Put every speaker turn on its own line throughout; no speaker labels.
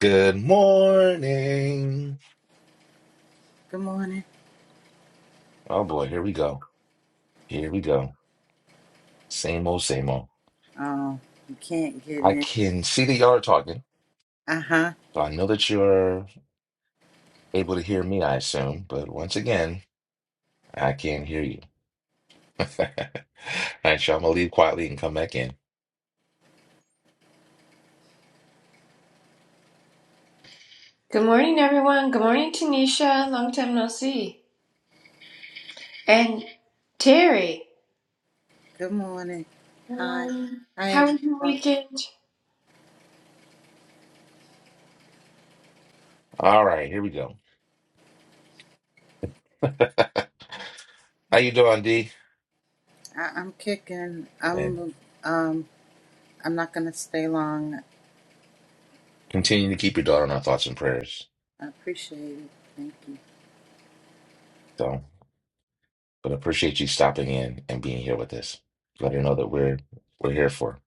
Good morning.
Good morning.
Oh boy, here we go. Here we go. Same old, same old.
Oh, you can't get
I
in.
can see that y'all are talking.
Uh huh.
So I know that you're able to hear me, I assume. But once again, I can't hear you. All right, y'all, I'm gonna leave quietly and come back in.
Good morning, everyone. Good morning, Tanisha. Long time no see. And Terry,
Good morning. Hi. Hi
how was your
everyone.
weekend?
All right, here we go. How you doing, D?
I- I'm kicking.
And
I'm um. I'm not gonna stay long.
continue to keep your daughter in our thoughts and prayers.
I appreciate it. Thank you.
So, but I appreciate you stopping in and being here with us. Let her know that we're we're here for. her.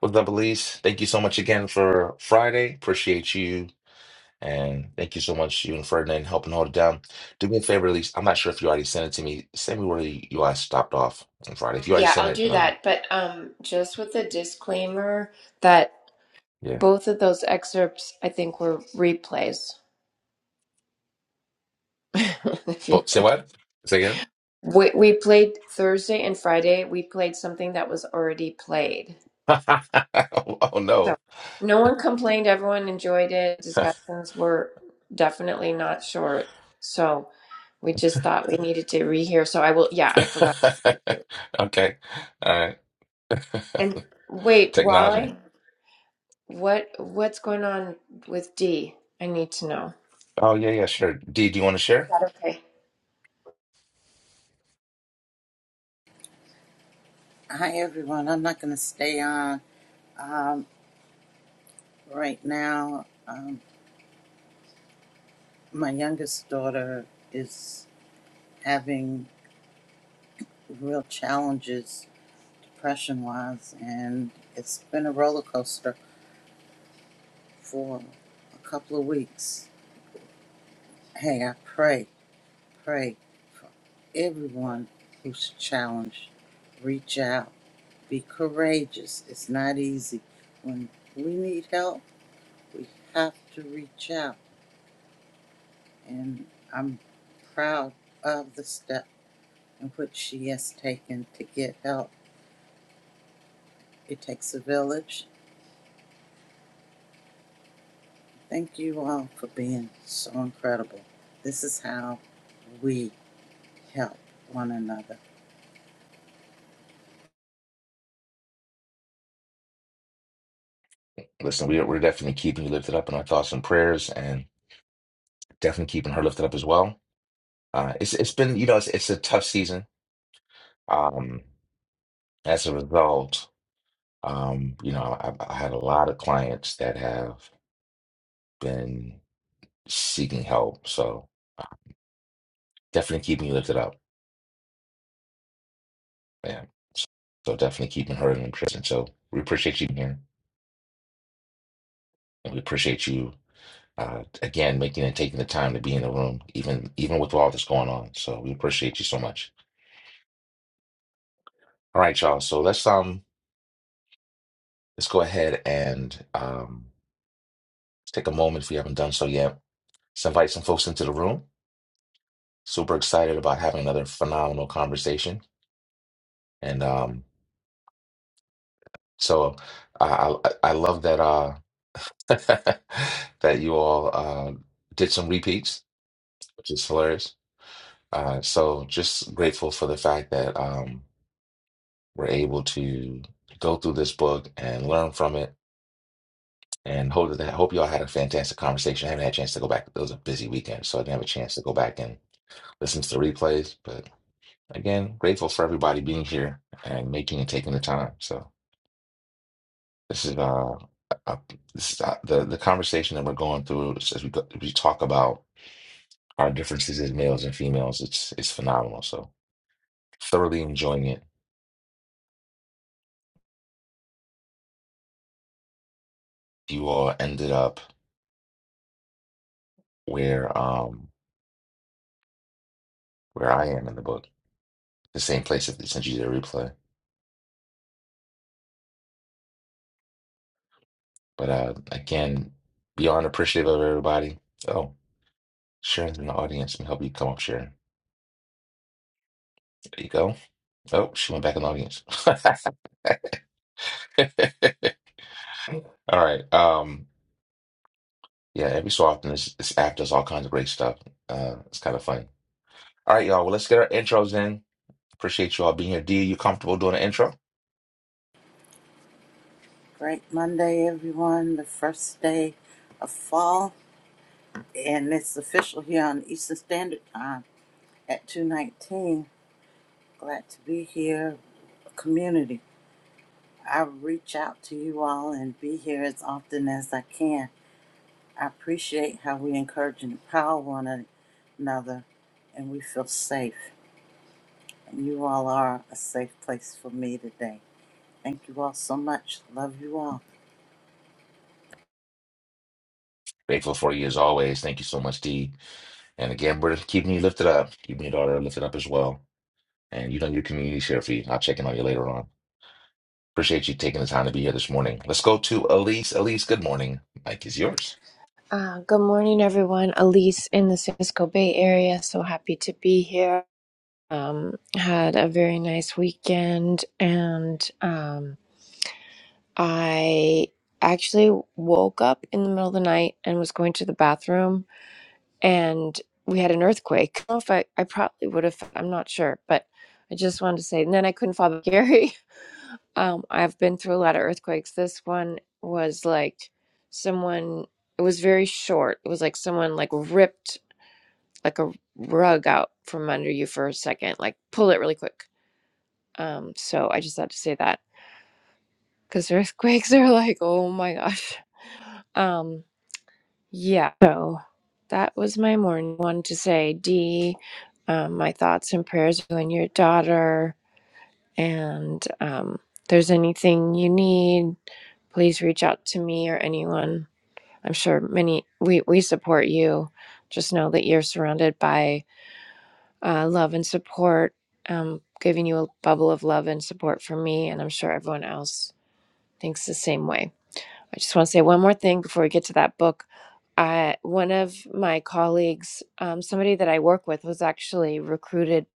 What's up, Elise? Thank you so much again for Friday. Appreciate you. And thank you so much, you and Ferdinand, helping hold it down. Do me a favor, Elise. I'm not sure if you already sent it to me. Send me where you guys stopped off on Friday. If you already
Yeah,
sent
I'll
it,
do
then I'll,
that. But um, just with a disclaimer that
yeah.
both of those excerpts, I think, were replays. If you-
But say what? Say again?
we, we played Thursday and Friday. We played something that was already played.
Oh, oh,
So
no.
no one complained. Everyone enjoyed it. Discussions were definitely not short. So we just thought we needed to rehear. So I will, yeah, I forgot to say it too.
okay. All right.
And wait,
Technology.
Wally, what what's going on with D? I need to know. Is
Oh, yeah, yeah, sure. Dee, do you want to share?
that okay?
Hi everyone. I'm not gonna stay on. Um. Right now, um, my youngest daughter is having real challenges, depression wise, and it's been a roller coaster for a couple of weeks. Hey, I pray. Pray for everyone who's challenged. Reach out. Be courageous. It's not easy. When we need help, we have to reach out. And I'm proud of the step in which she has taken to get help. It takes a village. Thank you all for being so incredible. This is how we help one another.
Listen, we, are we're definitely keeping you lifted up in our thoughts and prayers and definitely keeping her lifted up as well. Uh, it's, it's been, you know, it's, it's a tough season Um, as a result, um, you know, I, I had a lot of clients that have been seeking help. So definitely keeping you lifted up. Yeah. So so definitely keeping her in prayer. And so we appreciate you being here, and we appreciate you uh, again making and taking the time to be in the room, even even with all that's going on. So we appreciate you so much. All right, y'all. So let's um let's go ahead and um take a moment if we haven't done so yet. Let's invite some folks into the room. super excited about having another phenomenal conversation. And um, so I, I I love that uh, that you all uh, did some repeats, which is hilarious. Uh, so just grateful for the fact that um, we're able to go through this book and learn from it. And hope that hope y'all had a fantastic conversation. I haven't had a chance to go back. It was a busy weekend, so I didn't have a chance to go back and listen to the replays. But again, grateful for everybody being here and making and taking the time. So. This is uh, uh this is, uh, the the conversation that we're going through as as we go, we talk about our differences as males and females. It's it's phenomenal. So thoroughly enjoying it. You all ended up where um where I am in the book, the same place that they sent you the replay. But uh again, beyond appreciative of everybody. Oh, Sharon's in the audience. Let me help you come up, Sharon. There you go. Oh, she went back in the audience. All right. Um. Yeah, every so often this, this app does all kinds of great stuff. Uh, it's kind of fun. All right, y'all. Well, let's get our intros in. Appreciate you all being here. D, you comfortable doing an intro?
Great Monday, everyone. The first day of fall. and it's official here on Eastern Standard Time at 219. Glad to be here, community. I reach out to you all and be here as often as I can. I appreciate how we encourage and empower one another and we feel safe. And you all are a safe place for me today. Thank you all so much. Love you all.
Grateful for you as always. Thank you so much, D. And again, we're keeping you lifted up, keeping your daughter lifted up as well. And you know your community's here for you. I'll check in on you later on. Appreciate you taking the time to be here this morning. Let's go to Elise. Elise, good morning. Mike is yours.
Uh, good morning, everyone. Elise in the San Francisco Bay Area. So happy to be here. Um, had a very nice weekend and um, I actually woke up in the middle of the night and was going to the bathroom, and we had an earthquake. I don't know if I, I probably would have, I'm not sure, but I just wanted to say, and then I couldn't fall back. Gary, um, I've been through a lot of earthquakes. This one was like someone, it was very short. It was like someone like ripped like a rug out from under you for a second, like pull it really quick. Um, so I just had to say that because earthquakes are like, oh my gosh. Um, Yeah, so that was my morning one to say, D, um, my thoughts and prayers are on your daughter. And um, if there's anything you need, please reach out to me or anyone. I'm sure many, we, we support you. Just know that you're surrounded by uh, love and support, um, giving you a bubble of love and support from me. And I'm sure everyone else thinks the same way. I just want to say one more thing before we get to that book I, one of my colleagues, um, somebody that I work with, was actually recruited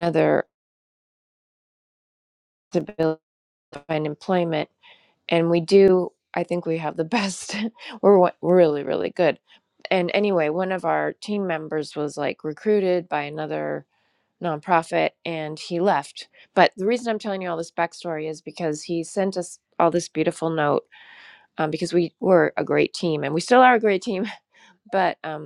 another disability to build- find employment, and we do. I think we have the best. we're wa- really really good. And anyway, one of our team members was like recruited by another nonprofit, and he left. But the reason I'm telling you all this backstory is because he sent us all this beautiful note um, because we were a great team, and we still are a great team. But um,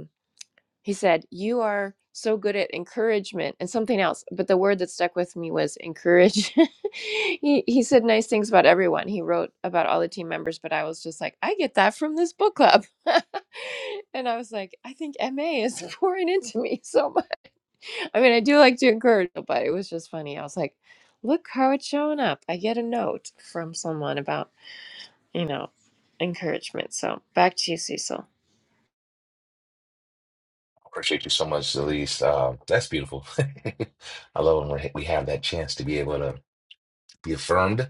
He said, You are so good at encouragement and something else. But the word that stuck with me was encourage. he, he said nice things about everyone. He wrote about all the team members, but I was just like, I get that from this book club. and I was like, I think MA is pouring into me so much. I mean, I do like to encourage, but it was just funny. I was like, Look how it's showing up. I get a note from someone about, you know, encouragement. So back to you, Cecil.
Appreciate you so much, Elise. Uh, that's beautiful. I love when we're- we have that chance to be able to be affirmed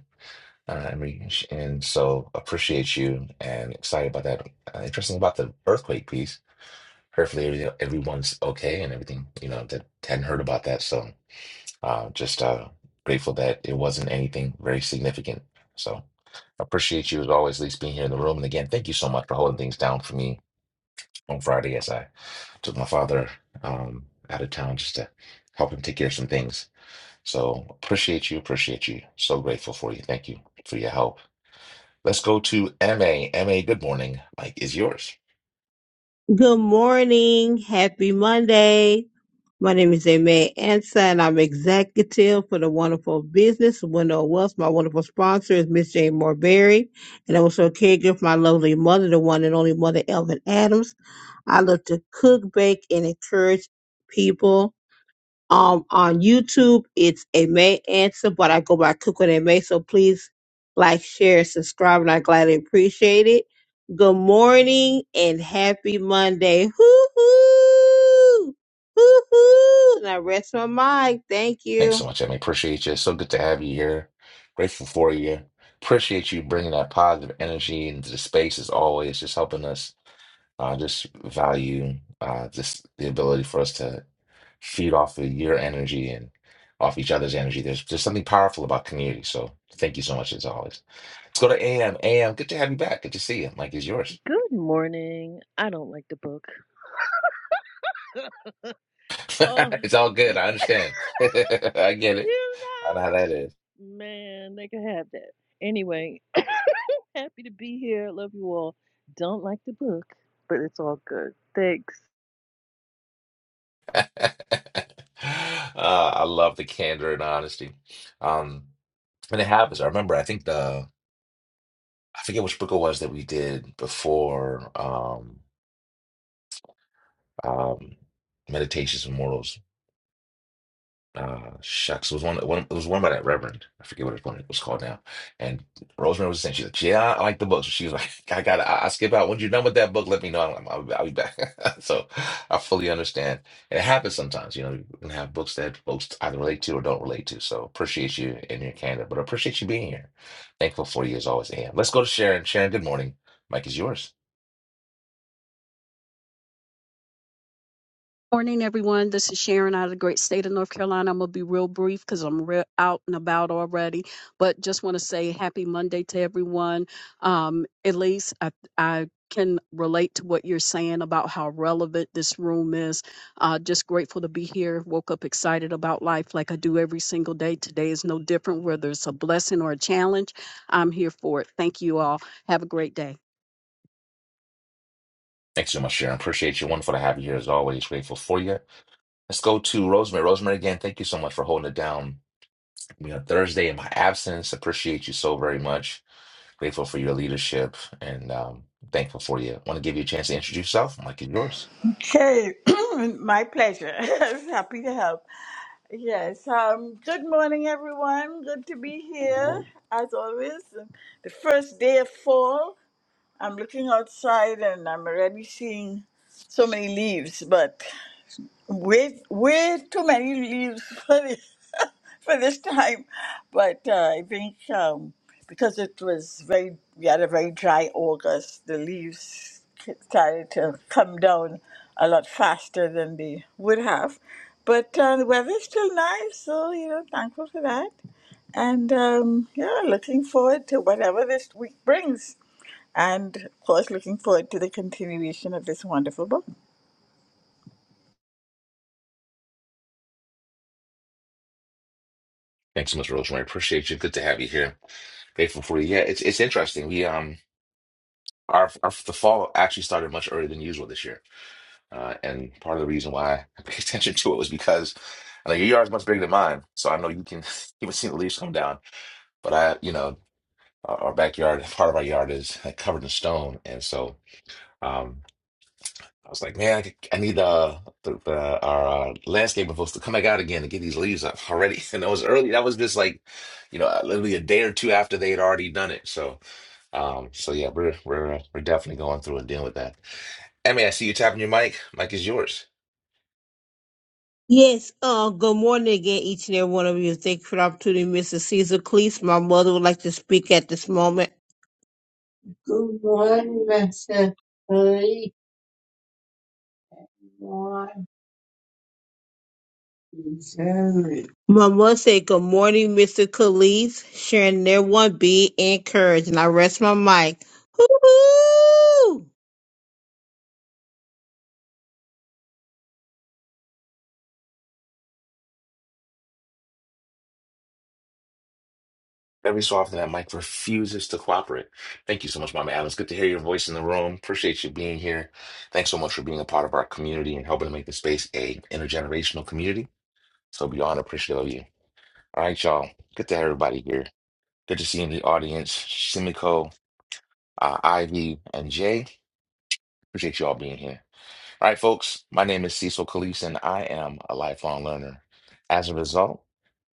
Uh, and, we, and so appreciate you and excited about that. Uh, interesting about the earthquake piece. Hopefully every- everyone's okay and everything, you know, that hadn't heard about that. So uh, just uh, grateful that it wasn't anything very significant. So appreciate you as always, at least being here in the room. And again, thank you so much for holding things down for me on Friday as I took my father um, out of town just to help him take care of some things. So appreciate you, appreciate you. So grateful for you. Thank you for your help. Let's go to M A M A. good morning. Mike is yours.
Good morning. Happy Monday. My name is Aimee Ansa, and I'm executive for the wonderful business Window of Wealth. My wonderful sponsor is Miss Jane Morberry, and I'm also a caregiver for my lovely mother, the one and only mother, Elvin Adams. I love to cook, bake, and encourage people. Um, on YouTube, it's a May answer, but I go by Cook with a May. So please like, share, and subscribe, and I gladly appreciate it. Good morning and happy Monday. Hoo hoo, hoo hoo. And I rest my mic. Thank
Thanks
you.
so much, MA. Appreciate you. So good to have you here. Grateful for you. Appreciate you bringing that positive energy into the space as always, just helping us uh, just value uh, just the ability for us to feed off of your energy and off each other's energy. There's just something powerful about community. So thank you so much as always. Let's go to A M A M. good to have you back. Good to see you. Mike is yours.
Good morning. I don't like the book. Oh,
it's all good. I understand. I get it.
you
I know how that is.
know, man, they could have that. Anyway, happy to be here. Love you all. Don't like the book, but it's all good. Thanks.
Uh, I love the candor and honesty. Um, and it happens. I remember, I think the, I forget which book it was that we did before um, um, Meditations Immortals. uh shucks it was one, one it was one by that reverend i forget what it was it was called now and rosemary was saying she's like yeah i like the books she was like i got i, I skip out when you're done with that book let me know I'm, I'll, I'll be back so i fully understand and it happens sometimes you know you can have books that folks either relate to or don't relate to so appreciate you and your candor but appreciate you being here thankful for you as always am let's go to sharon sharon good morning mike is yours
Morning, everyone. This is Sharon out of the great state of North Carolina. I'm going to be real brief because I'm real out and about already, but just want to say happy Monday to everyone. Um, Elise, I, I can relate to what you're saying about how relevant this room is. Uh, just grateful to be here. Woke up excited about life like I do every single day. Today is no different, whether it's a blessing or a challenge. I'm here for it. Thank you all. Have a great day.
Thanks so much, Sharon. Appreciate you. Wonderful to have you here as always. Grateful for you. Let's go to Rosemary. Rosemary, again, thank you so much for holding it down you know, Thursday in my absence. Appreciate you so very much. Grateful for your leadership and um, thankful for you. Want to give you a chance to introduce yourself. Mike is yours.
Hey, my pleasure. Happy to help. Yes. Um. Good morning, everyone. Good to be here as always. um, The first day of fall. I'm looking outside and I'm already seeing so many leaves. But way way too many leaves for this, for this time, but uh, I think um, because it was very we had a very dry August, the leaves started to come down a lot faster than they would have. But uh, the weather's still nice, so you know, thankful for that. And um, yeah, looking forward to whatever this week brings. And of course, looking forward to the continuation of this wonderful book.
Thanks so much, Rosemary. Appreciate you. Good to have you here. Grateful for you. Yeah, it's it's interesting. We um our, our the fall actually started much earlier than usual this year, uh, and part of the reason why I paid attention to it was because I know your yard's much bigger than mine, so I know you can even see the leaves come down. But I, you know, our, our backyard, part of our yard is like, covered in stone, and so. Um, I was like, man, I, I need uh, the, the our uh, landscaping folks to come back out again and get these leaves up already. And that was early. That was just like, you know, literally a day or two after they had already done it. So, um, so yeah, we're we're uh, we're definitely going through and dealing with that. Emmy, I see you tapping your mic. Mic is yours.
Yes, uh, good morning again, each and every one of you. Thank you for the opportunity, Mr. Caesar Cleese. My mother would like to speak at this moment. Good morning, Mr. Cleese. Very. Mama said, Good morning, Mr. Khalees. Sharing their one be encouraged. And I rest my mic. Hoo-hoo!
Every so often, that mic refuses to cooperate. Thank you so much, Mama Adams. Good to hear your voice in the room. Appreciate you being here. Thanks so much for being a part of our community and helping to make the space a intergenerational community. So beyond appreciative of you. All right, y'all. Good to have everybody here. Good to see you in the audience, Simiko, uh, Ivy, and Jay. Appreciate you all being here. All right, folks, my name is Cecil Kalise, and I am a lifelong learner. As a result,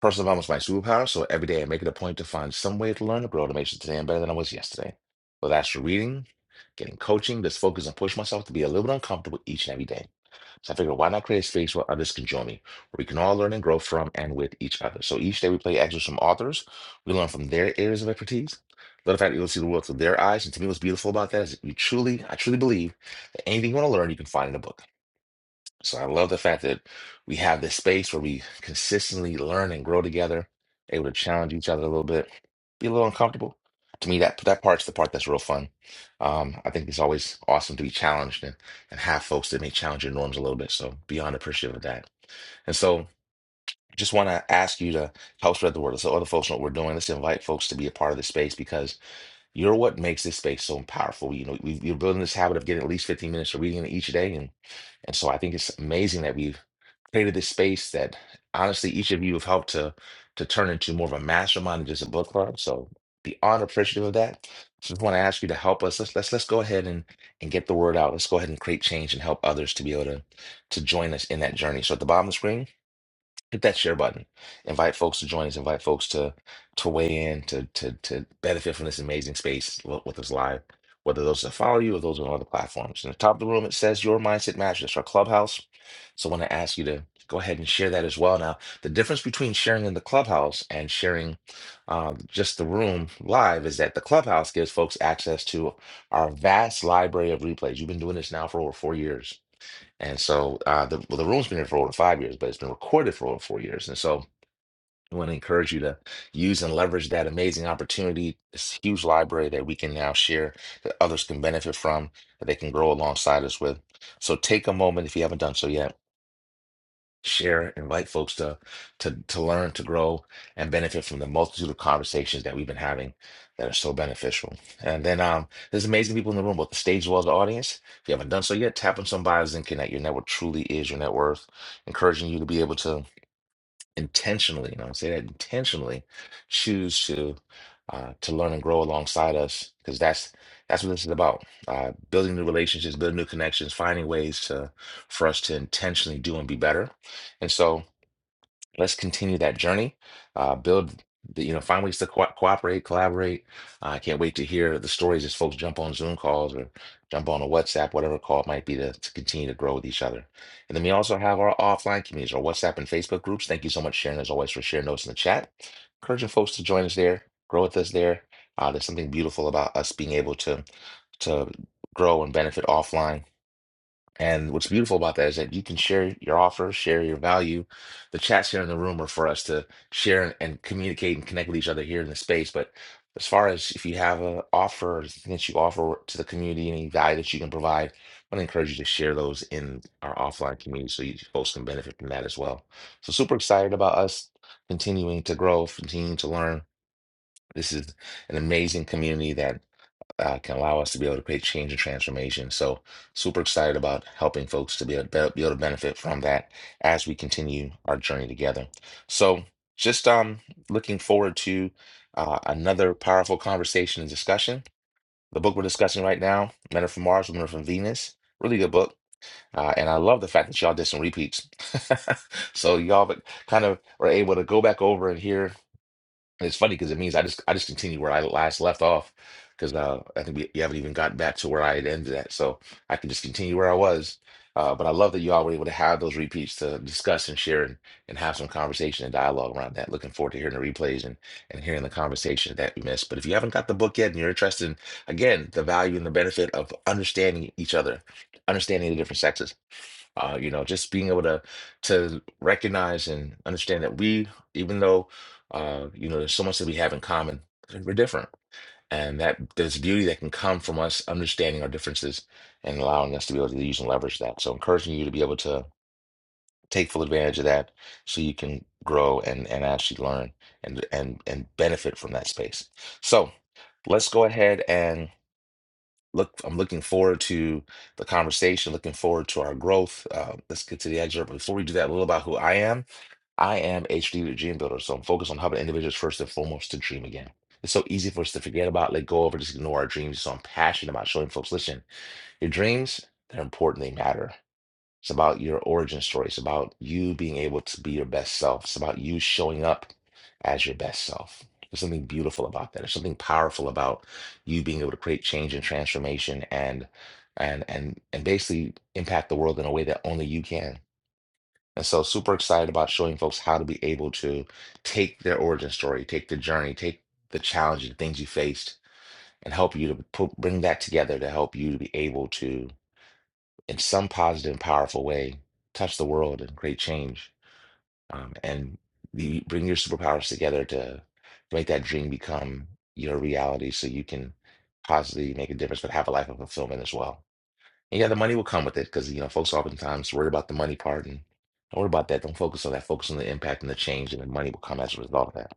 personal development is my superpower, so every day I make it a point to find some way to learn to grow to make sure today I'm better than I was yesterday. Whether that's through reading, getting coaching, just focus and push myself to be a little bit uncomfortable each and every day. So I figured, why not create a space where others can join me, where we can all learn and grow from and with each other. So each day we play excerpts from authors, we learn from their areas of expertise. Let the fact that you'll see the world through their eyes, and to me, what's beautiful about that is that you truly, I truly believe that anything you want to learn, you can find in a book. So I love the fact that we have this space where we consistently learn and grow together, able to challenge each other a little bit, be a little uncomfortable. To me, that that part's the part that's real fun. Um, I think it's always awesome to be challenged and, and have folks that may challenge your norms a little bit. So beyond appreciative of that. And so just want to ask you to help spread the word. So other folks know what we're doing. Let's invite folks to be a part of the space because you're what makes this space so powerful. You know, we, we're building this habit of getting at least 15 minutes of reading each day, and and so I think it's amazing that we've created this space that honestly each of you have helped to to turn into more of a mastermind than just a book club. So beyond appreciative of that, just want to ask you to help us. Let's let's let's go ahead and and get the word out. Let's go ahead and create change and help others to be able to to join us in that journey. So at the bottom of the screen hit that share button. Invite folks to join us. Invite folks to to weigh in to to to benefit from this amazing space wh- with us live. Whether those that follow you or those on other platforms. In the top of the room, it says "Your Mindset Matters." That's our clubhouse. So I want to ask you to go ahead and share that as well. Now, the difference between sharing in the clubhouse and sharing um, just the room live is that the clubhouse gives folks access to our vast library of replays. You've been doing this now for over four years and so uh, the well, the room's been here for over five years, but it's been recorded for over four years. And so I want to encourage you to use and leverage that amazing opportunity, this huge library that we can now share that others can benefit from, that they can grow alongside us with. So take a moment if you haven't done so yet share, invite folks to to to learn, to grow, and benefit from the multitude of conversations that we've been having that are so beneficial. And then um, there's amazing people in the room, both the stage as well as the audience. If you haven't done so yet, tap on some bios and connect. Your network truly is your net worth. Encouraging you to be able to intentionally, and I say that intentionally, choose to uh, to learn and grow alongside us because that's that's what this is about. Uh, building new relationships, building new connections, finding ways to for us to intentionally do and be better. And so let's continue that journey uh build the, you know find ways to co- cooperate collaborate Uh, i can't wait to hear the stories as folks jump on zoom calls or jump on a whatsapp whatever call it might be to, to continue to grow with each other and then we also have our offline communities our whatsapp and facebook groups thank you so much sharon as always for sharing those in the chat encouraging folks to join us there grow with us there uh, there's something beautiful about us being able to to grow and benefit offline and what's beautiful about that is that you can share your offer, share your value. The chats here in the room are for us to share and, and communicate and connect with each other here in the space. But as far as if you have an offer, or something that you offer to the community, any value that you can provide, I want to encourage you to share those in our offline community so you folks can benefit from that as well. So super excited about us continuing to grow, continuing to learn. This is an amazing community that uh, can allow us to be able to create change and transformation. So super excited about helping folks to be able to, be able to benefit from that as we continue our journey together. So just um, looking forward to uh, another powerful conversation and discussion. The book we're discussing right now, Men Are From Mars, Women Are From Venus, really good book. Uh, and I love the fact that y'all did some repeats. So y'all kind of were able to go back over and hear and it's funny because it means I just I just continued where I last left off because uh, I think we, we haven't even gotten back to where I had ended at, so I can just continue where I was. Uh, but I love that you all were able to have those repeats to discuss and share and, and have some conversation and dialogue around that. Looking forward to hearing the replays and, and hearing the conversation that we missed. But if you haven't got the book yet and you're interested in, again, the value and the benefit of understanding each other, understanding the different sexes, uh, you know, just being able to to recognize and understand that we, even though uh, you know, there's so much that we have in common. We're different. And that there's beauty that can come from us understanding our differences and allowing us to be able to use and leverage that. So encouraging you to be able to take full advantage of that so you can grow and and actually learn and and and benefit from that space. So let's go ahead and look. I'm looking forward to the conversation, looking forward to our growth. Uh, let's get to the excerpt. Before we do that, a little about who I am. I am a strategic dream builder, so I'm focused on helping individuals first and foremost to dream again. It's so easy for us to forget about, let go of, or just ignore our dreams. So I'm passionate about showing folks, listen, your dreams, they're important, they matter. It's about your origin story. It's about you being able to be your best self. It's about you showing up as your best self. There's something beautiful about that. There's something powerful about you being able to create change and transformation and and and and basically impact the world in a way that only you can. And so, super excited about showing folks how to be able to take their origin story, take the journey, take the challenge and things you faced, and help you to put, bring that together to help you to be able to, in some positive and powerful way, touch the world and create change. Um, and the, bring your superpowers together to make that dream become your reality so you can positively make a difference, but have a life of fulfillment as well. And yeah, the money will come with it because you know folks oftentimes worry about the money part and don't worry about that. Don't focus on that. Focus on the impact and the change, and the money will come as a result of that.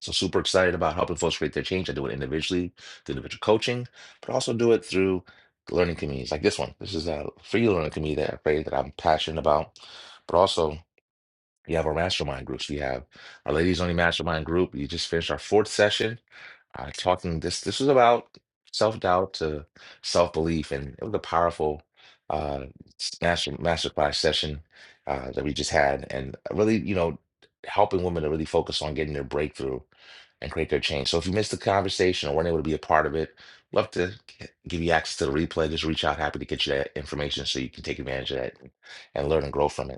So super excited about helping folks create their change. I do it individually through individual coaching, but also do it through learning communities like this one. This is a free learning community that I created that I'm passionate about, but also we have our mastermind groups. We have our ladies only mastermind group. We just finished our fourth session, uh, talking this. This was about self doubt to self belief, and it was a powerful uh, master masterclass session uh, that we just had, and really, you know, helping women to really focus on getting their breakthrough and create their change. So if you missed the conversation or weren't able to be a part of it, love to g- give you access to the replay. Just reach out, happy to get you that information so you can take advantage of that and learn and grow from it.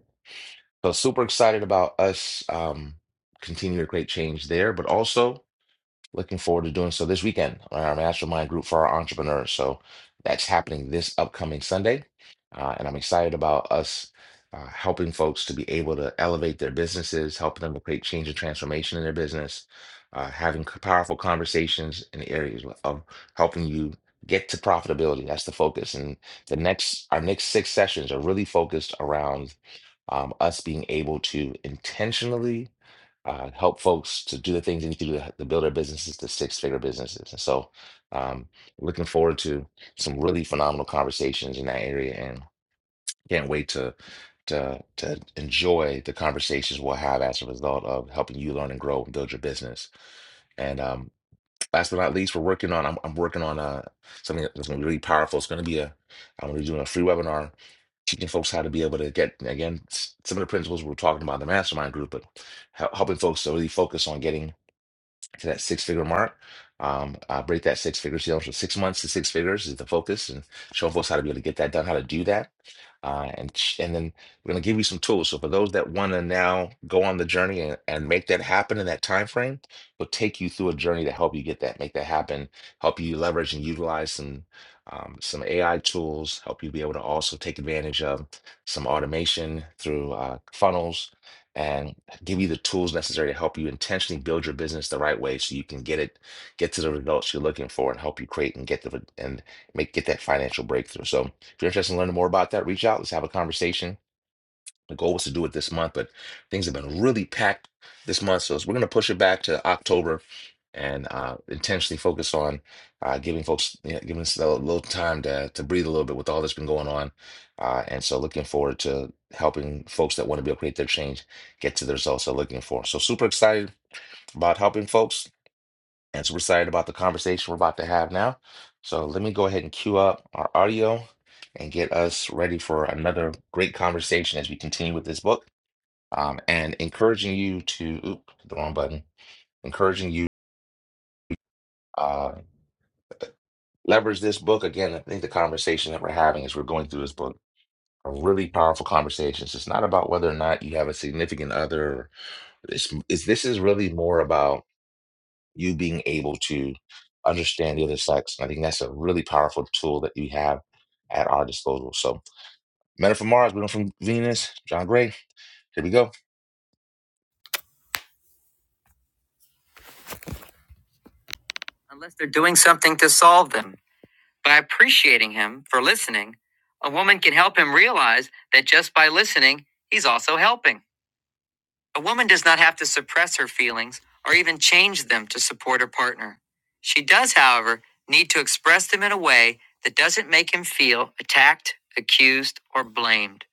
So super excited about us um, continuing a great change there, but also looking forward to doing so this weekend on our mastermind group for our entrepreneurs. So that's happening this upcoming Sunday, uh, and I'm excited about us uh, helping folks to be able to elevate their businesses, helping them to create change and transformation in their business, uh, having c- powerful conversations in the areas of helping you get to profitability. That's the focus, and the next our next six sessions are really focused around um, us being able to intentionally uh, help folks to do the things they need to do to, to build their businesses to six figure businesses. And so, um, looking forward to some really phenomenal conversations in that area, and can't wait to to to enjoy the conversations we'll have as a result of helping you learn and grow and build your business. And um, Last but not least, we're working on. I'm, I'm working on uh, something that's going to be really powerful. It's going to be a. I'm going to be doing a free webinar teaching folks how to be able to get again s- some of the principles we we're talking about in the mastermind group, but hel- helping folks to really focus on getting to that six figure mark. Um, uh, break that six figure sales from six months to six figures is the focus, and showing folks how to be able to get that done, how to do that, uh, and ch- and then we're gonna give you some tools. So for those that want to now go on the journey and, and make that happen in that time frame, we'll take you through a journey to help you get that, make that happen, help you leverage and utilize some um, some AI tools, help you be able to also take advantage of some automation through uh, funnels. and give you the tools necessary to help you intentionally build your business the right way so you can get it get to the results you're looking for and help you create and get the and make get that financial breakthrough so if you're interested in learning more about that reach out let's have a conversation the goal was to do it this month, but things have been really packed this month. So we're going to push it back to October and uh, intentionally focus on uh, giving folks, you know, giving us a little time to, to breathe a little bit with all that's been going on. Uh, and so looking forward to helping folks that want to be able to create their change get to the results they're looking for. So super excited about helping folks and super excited about the conversation we're about to have now. So let me go ahead and queue up our audio and get us ready for another great conversation as we continue with this book um, and encouraging you to oop, the wrong button encouraging you uh, leverage this book again i think the conversation that we're having as we're going through this book are really powerful conversations it's not about whether or not you have a significant other this is this is really more about you being able to understand the other sex and i think that's a really powerful tool that we have at our disposal so men are from mars women are from venus john gray here we go unless they're doing something to solve them By appreciating him for listening, a woman can help him realize that just by listening, he's also helping. A woman does not have to suppress her feelings or even change them to support her partner. She does, however, need to express them in a way that doesn't make him feel attacked, accused, or blamed.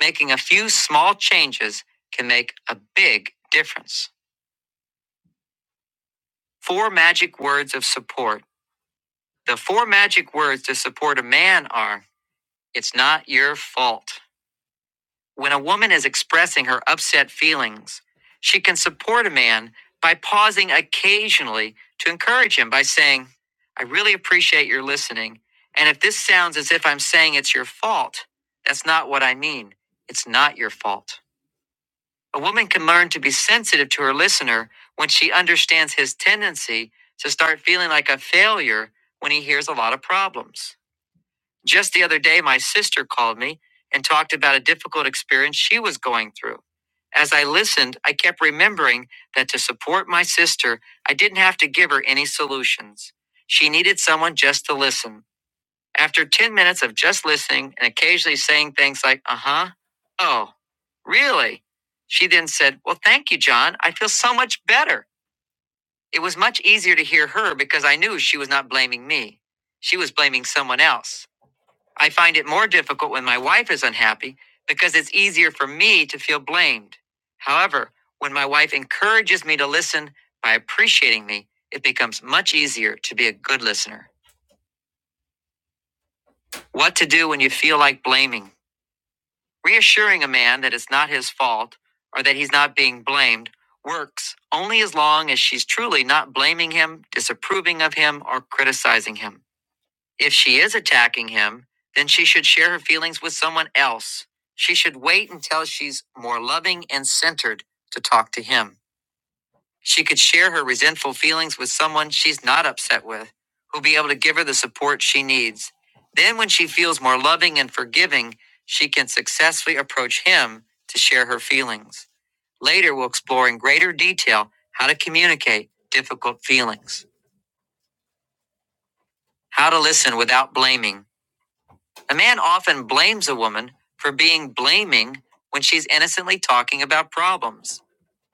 Making a few small changes can make a big difference. Four magic words of support. The four magic words to support a man are It's not your fault. When a woman is expressing her upset feelings, she can support a man by pausing occasionally to encourage him by saying, I really appreciate your listening. And if this sounds as if I'm saying it's your fault, that's not what I mean. It's not your fault. A woman can learn to be sensitive to her listener when she understands his tendency to start feeling like a failure when he hears a lot of problems. Just the other day, my sister called me and talked about a difficult experience she was going through. As I listened, I kept remembering that to support my sister, I didn't have to give her any solutions. She needed someone just to listen. After 10 minutes of just listening and occasionally saying things like, uh huh, oh, really? She then said, Well, thank you, John. I feel so much better. It was much easier to hear her because I knew she was not blaming me. She was blaming someone else. I find it more difficult when my wife is unhappy because it's easier for me to feel blamed. However, when my wife encourages me to listen by appreciating me, it becomes much easier to be a good listener. What to do when you feel like blaming? Reassuring a man that it's not his fault or that he's not being blamed works only as long as she's truly not blaming him, disapproving of him, or criticizing him. If she is attacking him, then she should share her feelings with someone else. She should wait until she's more loving and centered to talk to him. She could share her resentful feelings with someone she's not upset with, who'll be able to give her the support she needs. Then, when she feels more loving and forgiving, she can successfully approach him to share her feelings. Later, we'll explore in greater detail how to communicate difficult feelings, how to listen without blaming A man often blames a woman for being blaming when she's innocently talking about problems.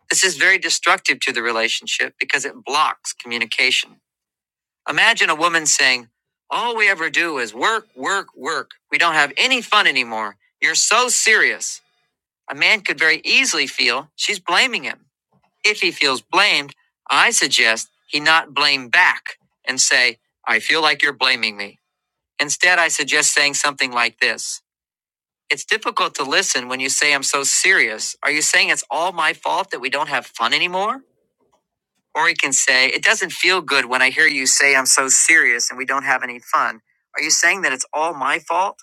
This is very destructive to the relationship because it blocks communication. Imagine a woman saying, All we ever do is work, work, work. We don't have any fun anymore. You're so serious. A man could very easily feel she's blaming him. If he feels blamed, I suggest he not blame back and say, I feel like you're blaming me. Instead, I suggest saying something like this. It's difficult to listen when you say, I'm so serious. Are you saying it's all my fault that we don't have fun anymore? Or he can say, It doesn't feel good when I hear you say I'm so serious and we don't have any fun. Are you saying that it's all my fault?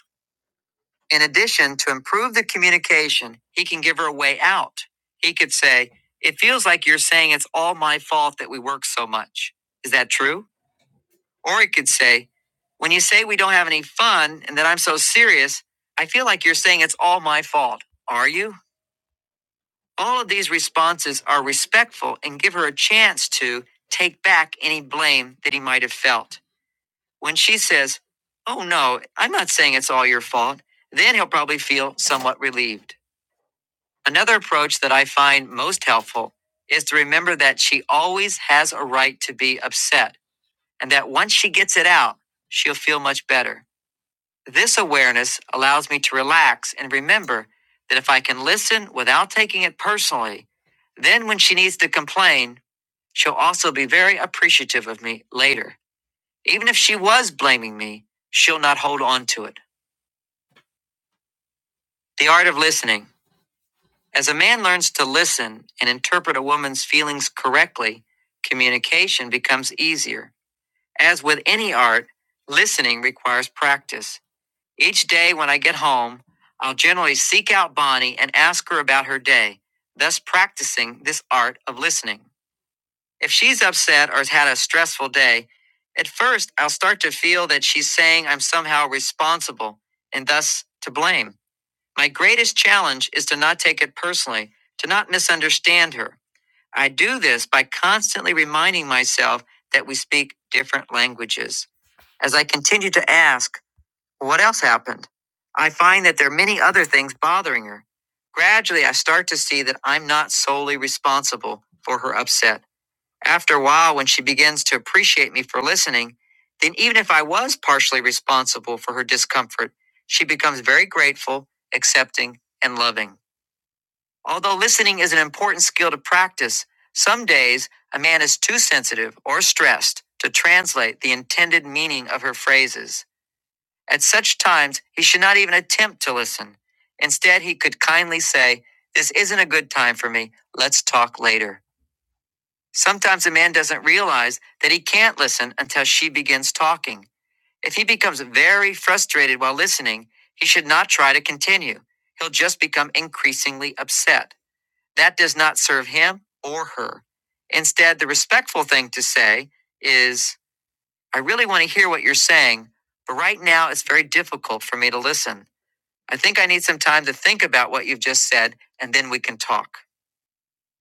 In addition, to improve the communication, he can give her a way out. He could say, It feels like you're saying it's all my fault that we work so much. Is that true? Or he could say, When you say we don't have any fun and that I'm so serious, I feel like you're saying it's all my fault. Are you? All of these responses are respectful and give her a chance to take back any blame that he might have felt. When she says, Oh no, I'm not saying it's all your fault, then he'll probably feel somewhat relieved. Another approach that I find most helpful is to remember that she always has a right to be upset and that once she gets it out, she'll feel much better. This awareness allows me to relax and remember that if I can listen without taking it personally, then when she needs to complain, she'll also be very appreciative of me later. Even if she was blaming me, she'll not hold on to it. The art of listening. As a man learns to listen and interpret a woman's feelings correctly, communication becomes easier. As with any art, listening requires practice. Each day when I get home, I'll generally seek out Bonnie and ask her about her day, thus practicing this art of listening. If she's upset or has had a stressful day, at first I'll start to feel that she's saying I'm somehow responsible and thus to blame. My greatest challenge is to not take it personally, to not misunderstand her. I do this by constantly reminding myself that we speak different languages. As I continue to ask, what else happened? I find that there are many other things bothering her. Gradually, I start to see that I'm not solely responsible for her upset. After a while, when she begins to appreciate me for listening, then even if I was partially responsible for her discomfort, she becomes very grateful, accepting, and loving. Although listening is an important skill to practice, some days a man is too sensitive or stressed to translate the intended meaning of her phrases. At such times, he should not even attempt to listen. Instead, he could kindly say, This isn't a good time for me. Let's talk later. Sometimes a man doesn't realize that he can't listen until she begins talking. If he becomes very frustrated while listening, he should not try to continue. He'll just become increasingly upset. That does not serve him or her. Instead, the respectful thing to say is, I really want to hear what you're saying, but right now it's very difficult for me to listen. I think I need some time to think about what you've just said, and then we can talk.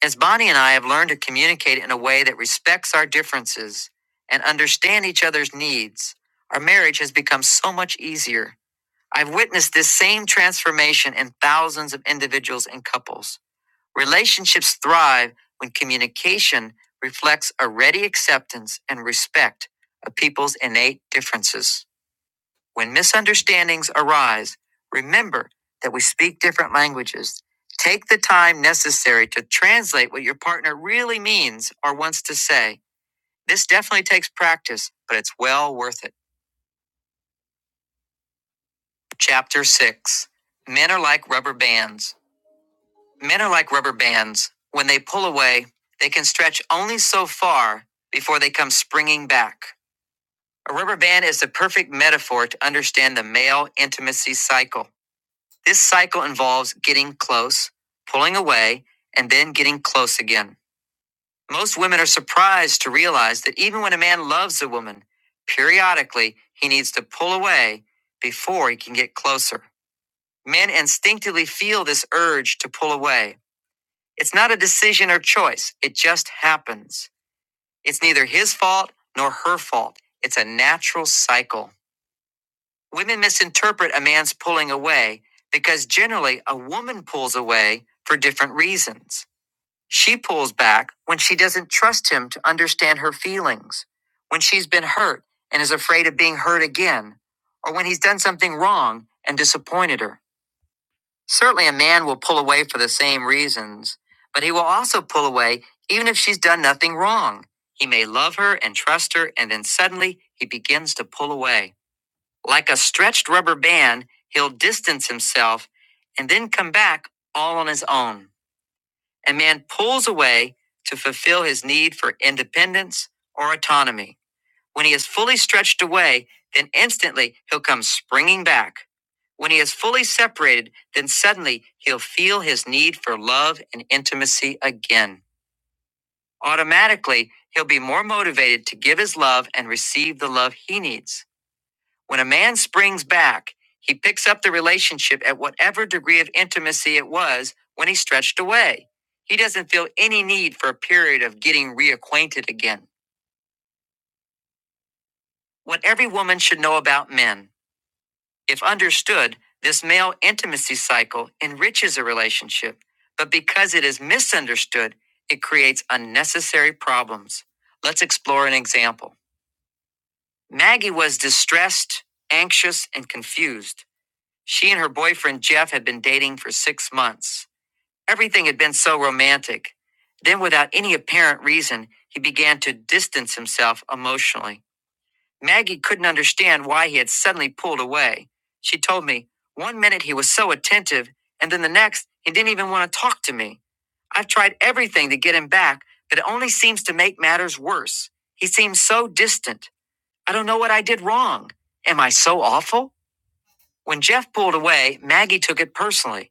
As Bonnie and I have learned to communicate in a way that respects our differences and understand each other's needs, our marriage has become so much easier. I've witnessed this same transformation in thousands of individuals and couples. Relationships thrive when communication reflects a ready acceptance and respect of people's innate differences. When misunderstandings arise, remember that we speak different languages. Take the time necessary to translate what your partner really means or wants to say. This definitely takes practice, but it's well worth it. Chapter 6 Men are like rubber bands. Men are like rubber bands. When they pull away, they can stretch only so far before they come springing back. A rubber band is the perfect metaphor to understand the male intimacy cycle. This cycle involves getting close, pulling away, and then getting close again. Most women are surprised to realize that even when a man loves a woman, periodically he needs to pull away before he can get closer. Men instinctively feel this urge to pull away. It's not a decision or choice, it just happens. It's neither his fault nor her fault. It's a natural cycle. Women misinterpret a man's pulling away because generally a woman pulls away for different reasons. She pulls back when she doesn't trust him to understand her feelings, when she's been hurt and is afraid of being hurt again, or when he's done something wrong and disappointed her. Certainly, a man will pull away for the same reasons, but he will also pull away even if she's done nothing wrong. He may love her and trust her, and then suddenly he begins to pull away. Like a stretched rubber band, he'll distance himself and then come back all on his own. And man pulls away to fulfill his need for independence or autonomy. When he is fully stretched away, then instantly he'll come springing back. When he is fully separated, then suddenly he'll feel his need for love and intimacy again. Automatically, he'll be more motivated to give his love and receive the love he needs. When a man springs back, he picks up the relationship at whatever degree of intimacy it was when he stretched away. He doesn't feel any need for a period of getting reacquainted again. What every woman should know about men, if understood, this male intimacy cycle enriches a relationship, but because it is misunderstood, it creates unnecessary problems. Let's explore an example. Maggie was distressed, anxious, and confused. She and her boyfriend Jeff had been dating for six months. Everything had been so romantic. Then, without any apparent reason, he began to distance himself emotionally. Maggie couldn't understand why he had suddenly pulled away. She told me, one minute he was so attentive, and then the next, he didn't even want to talk to me. I've tried everything to get him back, but it only seems to make matters worse. He seems so distant. I don't know what I did wrong. Am I so awful? When Jeff pulled away, Maggie took it personally.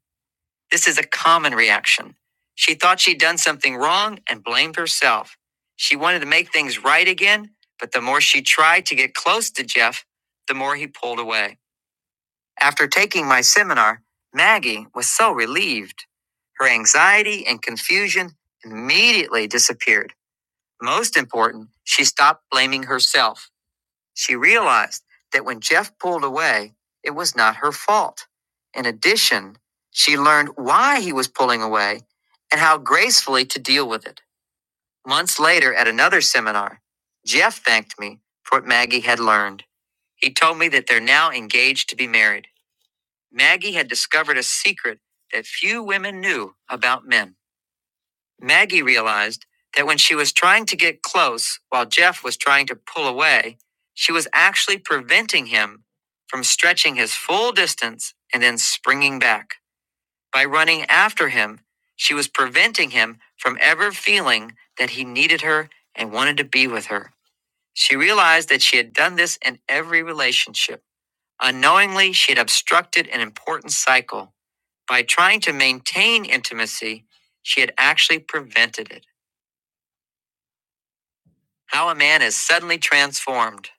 This is a common reaction. She thought she'd done something wrong and blamed herself. She wanted to make things right again, but the more she tried to get close to Jeff, the more he pulled away. After taking my seminar, Maggie was so relieved. Her anxiety and confusion immediately disappeared. Most important, she stopped blaming herself. She realized that when Jeff pulled away, it was not her fault. In addition, she learned why he was pulling away and how gracefully to deal with it. Months later, at another seminar, Jeff thanked me for what Maggie had learned. He told me that they're now engaged to be married. Maggie had discovered a secret that few women knew about men. Maggie realized that when she was trying to get close while Jeff was trying to pull away, she was actually preventing him from stretching his full distance and then springing back. By running after him, she was preventing him from ever feeling that he needed her and wanted to be with her. She realized that she had done this in every relationship. Unknowingly, she had obstructed an important cycle. By trying to maintain intimacy, she had actually prevented it. How a man is suddenly transformed.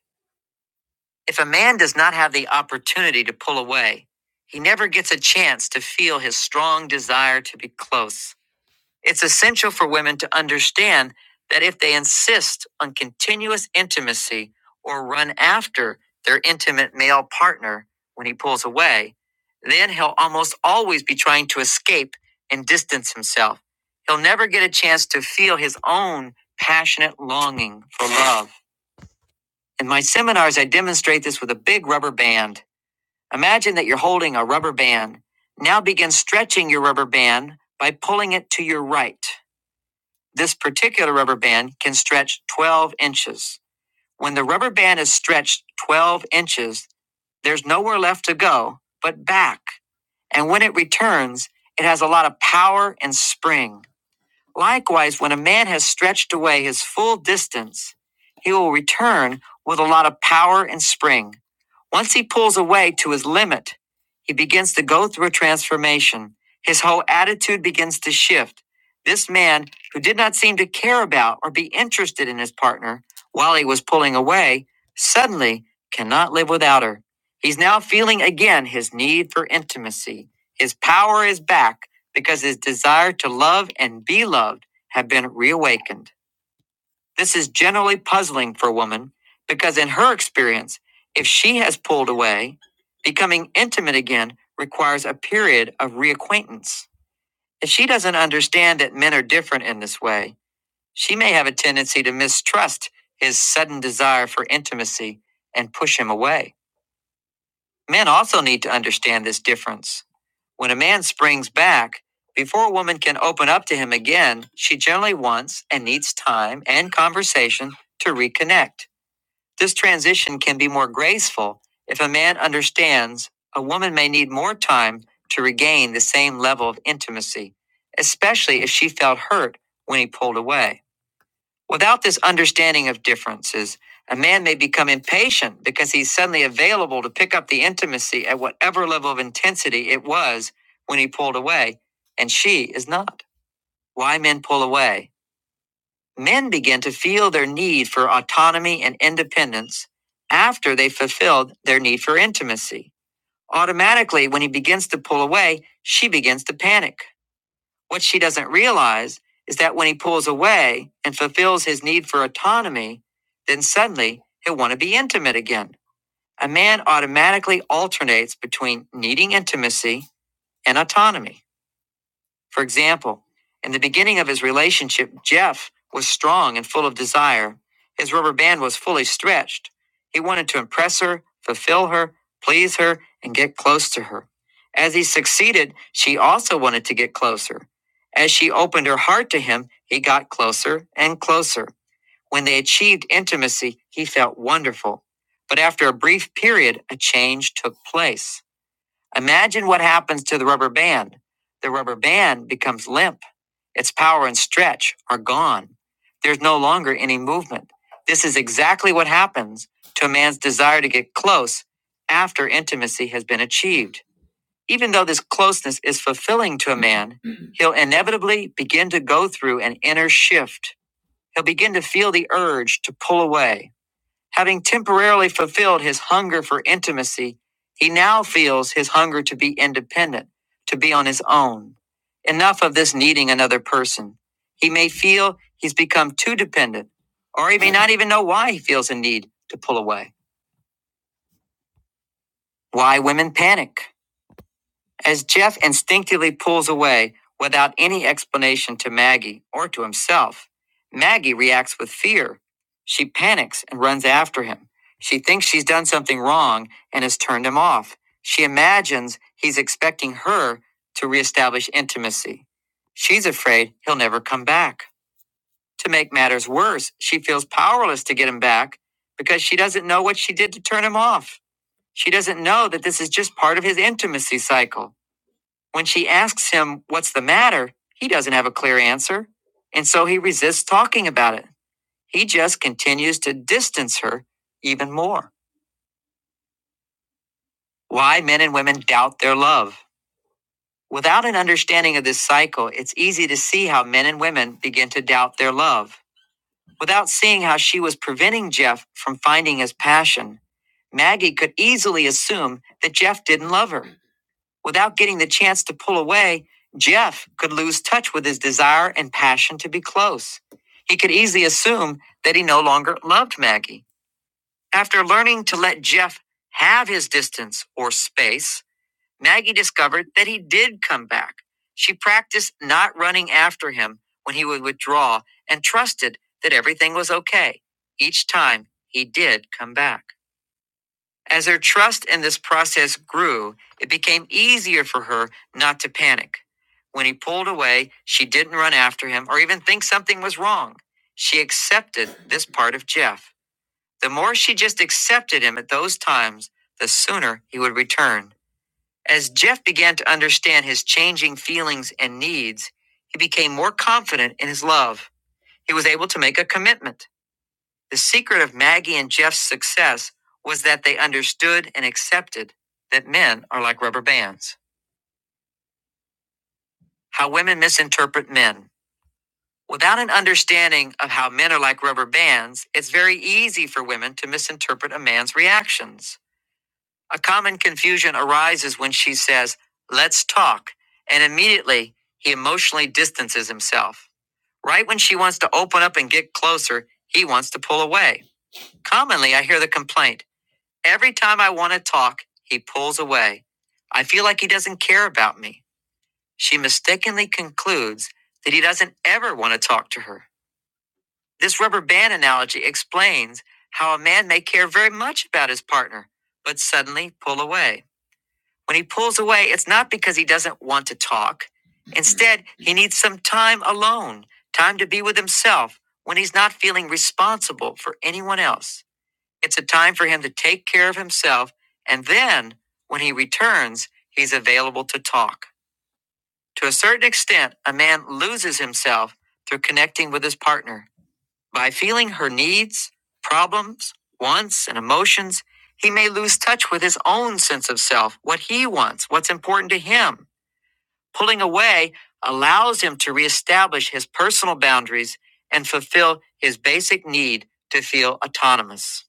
If a man does not have the opportunity to pull away, he never gets a chance to feel his strong desire to be close. It's essential for women to understand that if they insist on continuous intimacy or run after their intimate male partner when he pulls away, then he'll almost always be trying to escape and distance himself. He'll never get a chance to feel his own passionate longing for love. In my seminars, I demonstrate this with a big rubber band. Imagine that you're holding a rubber band. Now begin stretching your rubber band by pulling it to your right. This particular rubber band can stretch 12 inches. When the rubber band is stretched 12 inches, there's nowhere left to go but back. And when it returns, it has a lot of power and spring. Likewise, when a man has stretched away his full distance, he will return with a lot of power and spring. Once he pulls away to his limit, he begins to go through a transformation. His whole attitude begins to shift. This man, who did not seem to care about or be interested in his partner while he was pulling away, suddenly cannot live without her. He's now feeling again his need for intimacy. His power is back because his desire to love and be loved have been reawakened. This is generally puzzling for a woman because, in her experience, if she has pulled away, becoming intimate again requires a period of reacquaintance. If she doesn't understand that men are different in this way, she may have a tendency to mistrust his sudden desire for intimacy and push him away. Men also need to understand this difference. When a man springs back, before a woman can open up to him again, she generally wants and needs time and conversation to reconnect. This transition can be more graceful if a man understands a woman may need more time to regain the same level of intimacy, especially if she felt hurt when he pulled away. Without this understanding of differences, a man may become impatient because he's suddenly available to pick up the intimacy at whatever level of intensity it was when he pulled away, and she is not. Why men pull away? Men begin to feel their need for autonomy and independence after they fulfilled their need for intimacy. Automatically, when he begins to pull away, she begins to panic. What she doesn't realize is that when he pulls away and fulfills his need for autonomy, then suddenly he'll want to be intimate again. A man automatically alternates between needing intimacy and autonomy. For example, in the beginning of his relationship, Jeff was strong and full of desire. His rubber band was fully stretched. He wanted to impress her, fulfill her, please her, and get close to her. As he succeeded, she also wanted to get closer. As she opened her heart to him, he got closer and closer. When they achieved intimacy, he felt wonderful. But after a brief period, a change took place. Imagine what happens to the rubber band. The rubber band becomes limp. Its power and stretch are gone. There's no longer any movement. This is exactly what happens to a man's desire to get close after intimacy has been achieved. Even though this closeness is fulfilling to a man, he'll inevitably begin to go through an inner shift. He'll begin to feel the urge to pull away Having temporarily fulfilled his hunger for intimacy, he now feels his hunger to be independent, to be on his own. Enough of this needing another person. He may feel he's become too dependent, or he may not even know why he feels a need to pull away. Why women panic. As Jeff instinctively pulls away without any explanation to Maggie or to himself, Maggie reacts with fear. She panics and runs after him. She thinks she's done something wrong and has turned him off. She imagines he's expecting her to reestablish intimacy. She's afraid he'll never come back. To make matters worse, she feels powerless to get him back because she doesn't know what she did to turn him off. She doesn't know that this is just part of his intimacy cycle. When she asks him, What's the matter? he doesn't have a clear answer, and so he resists talking about it. He just continues to distance her even more. Why men and women doubt their love. Without an understanding of this cycle, it's easy to see how men and women begin to doubt their love. Without seeing how she was preventing Jeff from finding his passion, Maggie could easily assume that Jeff didn't love her. Without getting the chance to pull away, Jeff could lose touch with his desire and passion to be close. He could easily assume that he no longer loved Maggie. After learning to let Jeff have his distance or space, Maggie discovered that he did come back. She practiced not running after him when he would withdraw and trusted that everything was okay each time he did come back. As her trust in this process grew, it became easier for her not to panic. When he pulled away, she didn't run after him or even think something was wrong. She accepted this part of Jeff. The more she just accepted him at those times, the sooner he would return. As Jeff began to understand his changing feelings and needs, he became more confident in his love. He was able to make a commitment. The secret of Maggie and Jeff's success was that they understood and accepted that men are like rubber bands. How women misinterpret men. Without an understanding of how men are like rubber bands, it's very easy for women to misinterpret a man's reactions. A common confusion arises when she says, Let's talk, and immediately he emotionally distances himself. Right when she wants to open up and get closer, he wants to pull away. Commonly, I hear the complaint. Every time I want to talk, he pulls away. I feel like he doesn't care about me. She mistakenly concludes that he doesn't ever want to talk to her. This rubber band analogy explains how a man may care very much about his partner, but suddenly pull away. When he pulls away, it's not because he doesn't want to talk. Instead, he needs some time alone, time to be with himself when he's not feeling responsible for anyone else. It's a time for him to take care of himself, and then, when he returns, he's available to talk. To a certain extent, a man loses himself through connecting with his partner. By feeling her needs, problems, wants, and emotions, he may lose touch with his own sense of self, what he wants, what's important to him. Pulling away allows him to reestablish his personal boundaries and fulfill his basic need to feel autonomous.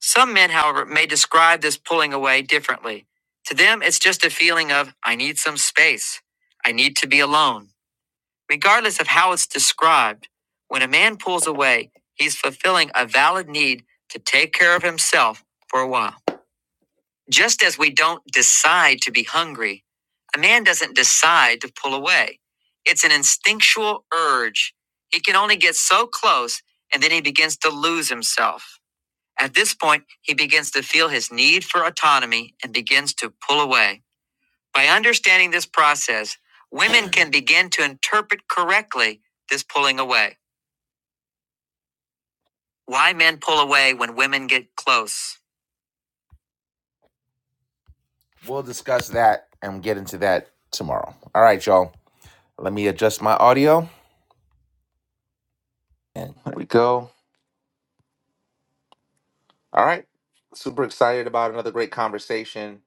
Some men, however, may describe this pulling away differently. To them, it's just a feeling of, I need some space. I need to be alone. Regardless of how it's described, when a man pulls away, he's fulfilling a valid need to take care of himself for a while. Just as we don't decide to be hungry, a man doesn't decide to pull away. It's an instinctual urge. He can only get so close and then he begins to lose himself. At this point, he begins to feel his need for autonomy and begins to pull away. By understanding this process, women can begin to interpret correctly this pulling away. Why men pull away when women get close. We'll discuss that and get into that tomorrow. All right, y'all. Let me adjust my audio. And here we go. All right. Super excited about another great conversation.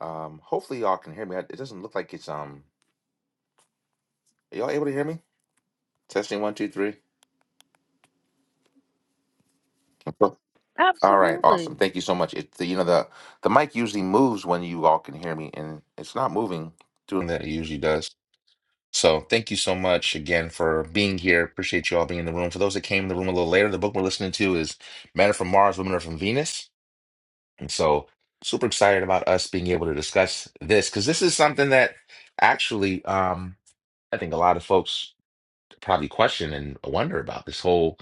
Um, hopefully y'all can hear me. It doesn't look like it's um are y'all able to hear me? Testing one, two, three. All right, awesome.
Absolutely.
Thank you so much. It the, you know the the mic usually moves when you all can hear me, and it's not moving doing that it usually does. So thank you so much again for being here. Appreciate you all being in the room. For those that came in the room a little later, the book we're listening to is Men Are From Mars, Women Are From Venus, and so super excited about us being able to discuss this because this is something that actually um, I think a lot of folks probably question and wonder about this whole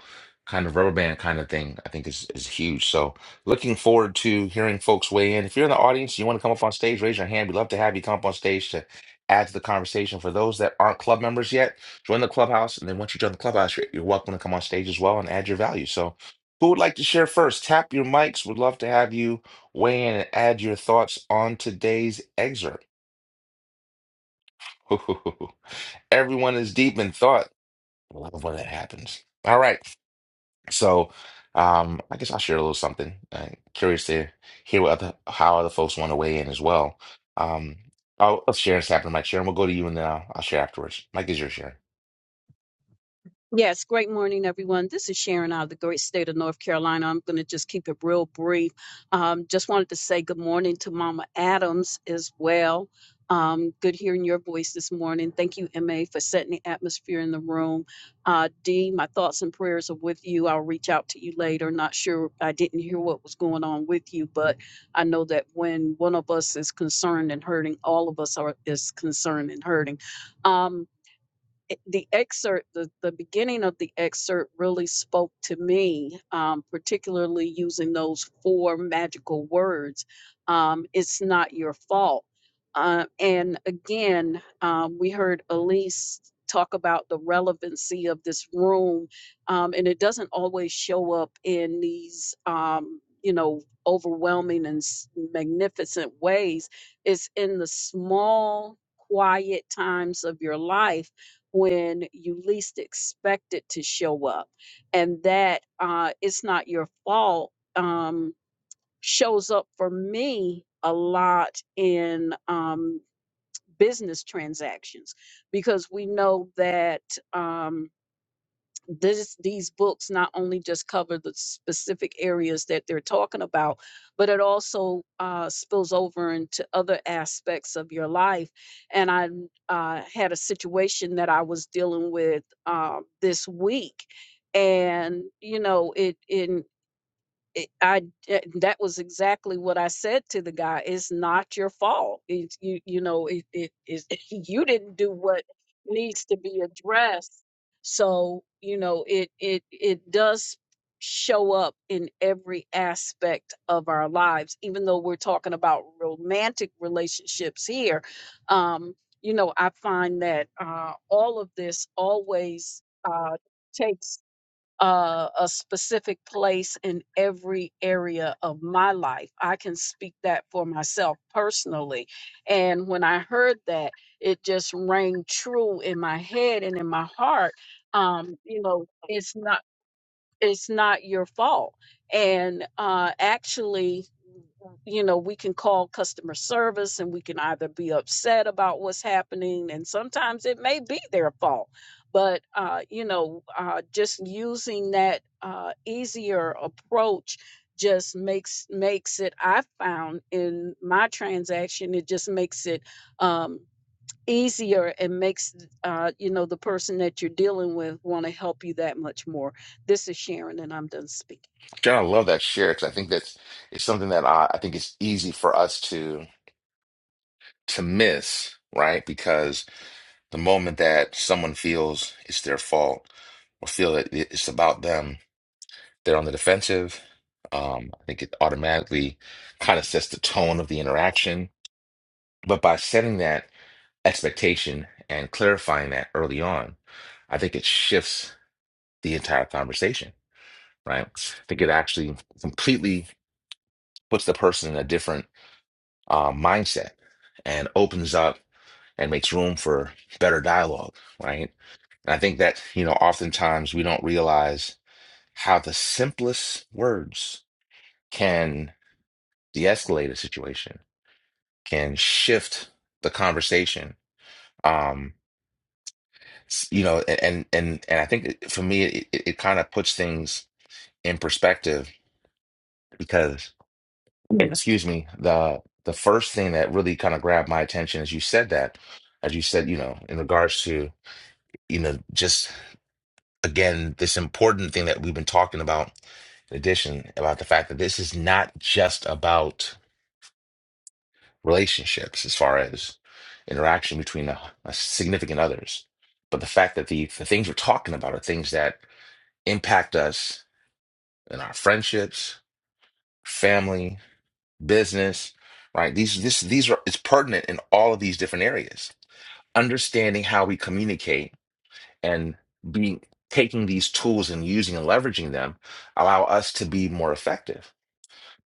kind of rubber band kind of thing. I think is is huge. So looking forward to hearing folks weigh in. If you're in the audience, you want to come up on stage, raise your hand. We'd love to have you come up on stage to add to the conversation. For those that aren't club members yet, join the clubhouse, and then once you join the clubhouse, you're, you're welcome to come on stage as well and add your value. So. Who would like to share first? Tap your mics. Would love to have you weigh in and add your thoughts on today's excerpt. Everyone is deep in thought. I love when that happens. All right. So, um, I guess I'll share a little something. i curious to hear what other, how other folks want to weigh in as well. Um, I'll, I'll share and snap to Mike. Sharon, we'll go to you and then I'll, I'll share afterwards. Mike is your share.
Yes, great morning, everyone. This is Sharon out of the great state of North Carolina. I'm going to just keep it real brief. Um, just wanted to say good morning to Mama Adams as well. Um, good hearing your voice this morning. Thank you, MA, for setting the atmosphere in the room. Uh, D, my thoughts and prayers are with you. I'll reach out to you later. Not sure, I didn't hear what was going on with you, but I know that when one of us is concerned and hurting, all of us are is concerned and hurting. Um, it- the excerpt, the, the beginning of the excerpt really spoke to me, um, particularly using those four magical words. Um, it's not your fault. Uh, and again, um, we heard Elise talk about the relevancy of this room, um, and it doesn't always show up in these, um, you know, overwhelming and s- magnificent ways. It's in the small, quiet times of your life when you least expect it to show up and that uh, it's not your fault um, shows up for me a lot in um, business transactions because we know that Um, this these books not only just cover the specific areas that they're talking about but it also uh, spills over into other aspects of your life and i uh, had a situation that i was dealing with uh, this week and you know it in it- I d- that was exactly what I said to the guy. It's not your fault. It's you you know it it is you didn't do what needs to be addressed. So you know it it it does show up in every aspect of our lives. Even though we're talking about romantic relationships here, um, you know I find that uh, all of this always uh, takes uh, a specific place in every area of my life. I can speak that for myself personally. And when I heard that, it just rang true in my head and in my heart. Um, you know, it's not it's not your fault. And uh, actually, you know, we can call customer service and we can either be upset about what's happening, and sometimes it may be their fault. But, uh, you know, uh, just using that uh, easier approach just makes makes it i found in my transaction it just makes it um, easier and makes uh, you know the person that you're dealing with want to help you that much more. This is Sharon, and I'm done speaking.
Sharon, I love that share because I think that's it's something that I, I think it's easy for us to to miss, right? Because the moment that someone feels it's their fault or feel that it- it's about them, They're on the defensive. Um, I think it automatically kind of sets the tone of the interaction. But by setting that expectation and clarifying that early on, I think it shifts the entire conversation, right? I think it actually completely puts the person in a different uh, mindset and opens up and makes room for better dialogue, right? And I think that, you know, oftentimes we don't realize how the simplest words can. de-escalate a situation, can shift the conversation. Um, s- you know, a- and and and I think it- for me, it, it, it kind of puts things in perspective because, Yeah. excuse me, the the first thing that really kind of grabbed my attention as you said that, as you said, you know, in regards to, you know, just again, this important thing that we've been talking about, in addition, about the fact that this is not just about relationships as far as interaction between a, a significant others. But the fact that the, the things we're talking about are things that impact us in our friendships, family, business, right? These this these are it's pertinent in all of these different areas. Understanding how we communicate and being taking these tools and using and leveraging them allow us to be more effective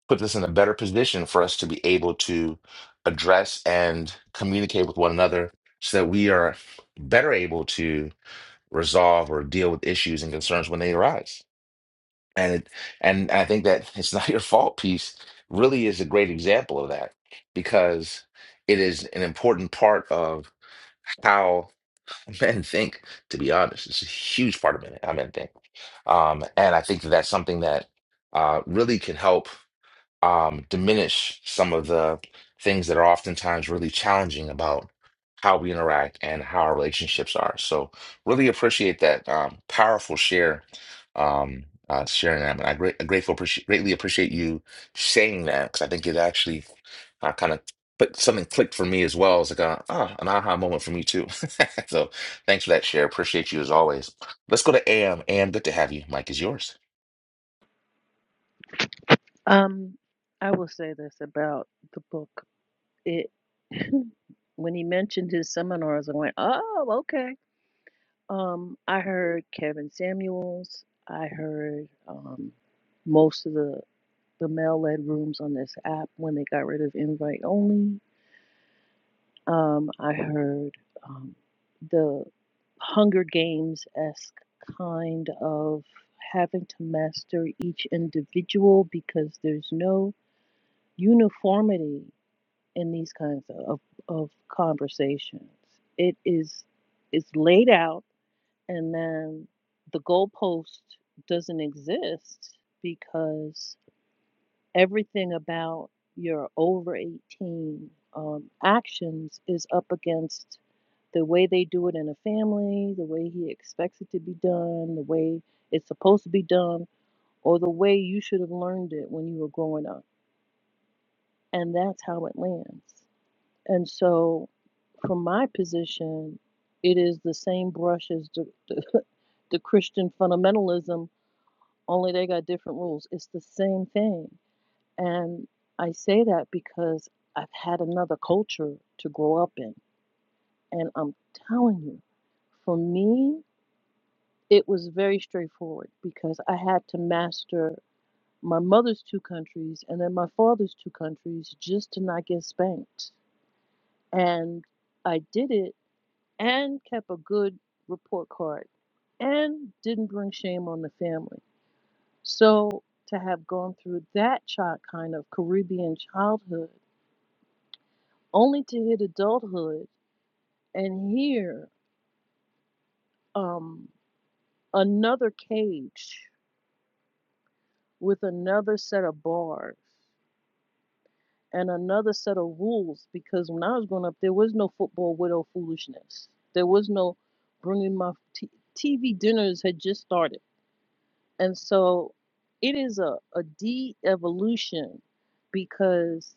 puts us in a better position for us to be able to address and communicate with one another so that we are better able to resolve or deal with issues and concerns when they arise. And it, and I think that it's not your fault piece really is a great example of that because it is an important part of how men think, to be honest. It's a huge part of men, how men think. Um, and I think that that's something that uh, really can help um, diminish some of the things that are oftentimes really challenging about how we interact and how our relationships are. So, really appreciate that um, powerful share, um, uh, sharing that. And I great, grateful, appreciate, greatly appreciate you saying that because I think it actually uh, kind of put something clicked for me as well. It's like a, ah, an aha moment for me too. so, thanks for that share. Appreciate you as always. Let's go to AM. AM, good to have you. Mike is yours.
Um, I will say this about the book. It when he mentioned his seminars, I went, oh, okay. Um, I heard Kevin Samuels. I heard um most of the the male led rooms on this app when they got rid of invite only. Um, I heard um, the Hunger Games esque kind of having to master each individual because there's no uniformity in these kinds of, of conversations. It is it's laid out and then the goalpost doesn't exist because everything about your over 18 um, actions is up against the way they do it in a family, the way he expects it to be done, the way it's supposed to be done, or the way you should have learned it when you were growing up. And that's how it lands. And so, from my position, it is the same brush as the, the, the Christian fundamentalism, only they got different rules. It's the same thing and I say that because I've had another culture to grow up in. And I'm telling you, for me, it was very straightforward because I had to master my mother's two countries and then my father's two countries just to not get spanked. And I did it and kept a good report card and didn't bring shame on the family. So to have gone through that child kind of Caribbean childhood only to hit adulthood and hear um, another cage with another set of bars and another set of rules. Because when I was growing up, there was no football widow foolishness. There was no bringing my t- TV dinners had just started, and so it is a a de-evolution because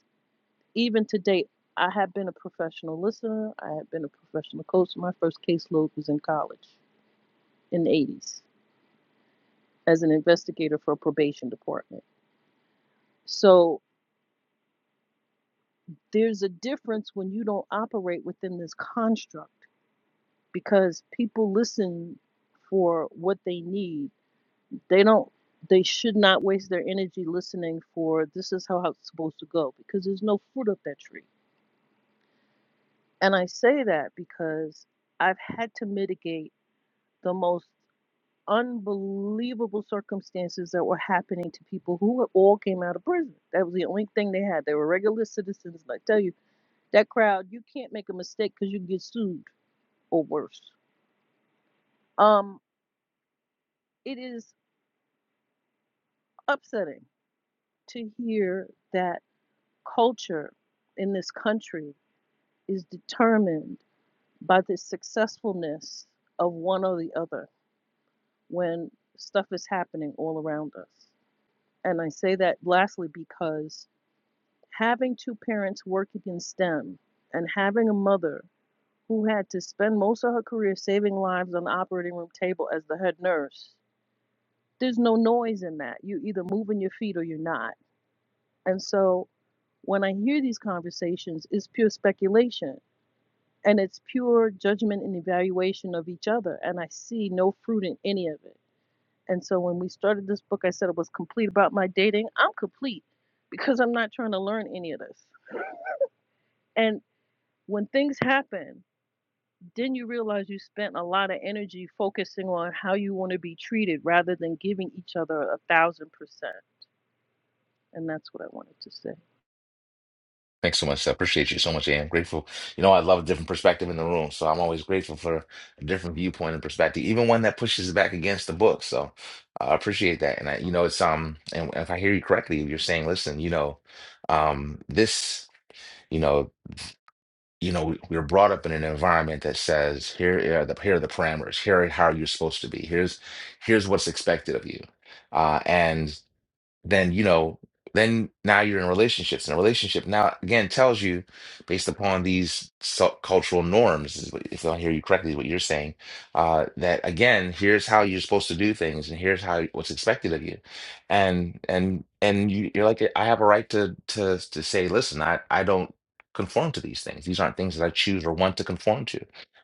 even today. I have been a professional listener. I have been a professional coach. My first caseload was in college in the 80s as an investigator for a probation department. So there's a difference when you don't operate within this construct because people listen for what they need. They don't they should not waste their energy listening for this is how it's supposed to go because there's no fruit up that tree. And I say that because I've had to mitigate the most unbelievable circumstances that were happening to people who all came out of prison. That was the only thing they had. They were regular citizens. And I tell you, that crowd, you can't make a mistake because you get sued or worse. Um, it is upsetting to hear that culture in this country is determined by the successfulness of one or the other when stuff is happening all around us. And I say that lastly because having two parents working in STEM and having a mother who had to spend most of her career saving lives on the operating room table as the head nurse there's no noise in that. You're either moving your feet or you're not. And so when I hear these conversations, it's pure speculation and it's pure judgment and evaluation of each other. And I see no fruit in any of it. And so when we started this book, I said it was complete about my dating. I'm complete because I'm not trying to learn any of this. And when things happen, then you realize you spent a lot of energy focusing on how you want to be treated rather than giving each other a thousand percent. And that's what I wanted to say.
Thanks so much. I appreciate you so much. And I'm grateful. You know, I love a different perspective in the room, so I'm always grateful for a different viewpoint and perspective, even one that pushes back against the book. So uh, I appreciate that. And I, you know, it's um, and if I hear you correctly, you're saying, listen, you know, um, this, you know, you know, we- we're brought up in an environment that says here are the here are the parameters, here are how you're supposed to be, here's here's what's expected of you, uh, and then you know then now you're in relationships and a relationship now again tells you based upon these so- cultural norms is what- if i hear you correctly what you're saying uh, that again here's how you're supposed to do things and here's how what's expected of you and and and you, you're like i have a right to to to say listen i i don't conform to these things these aren't things that i choose or want to conform to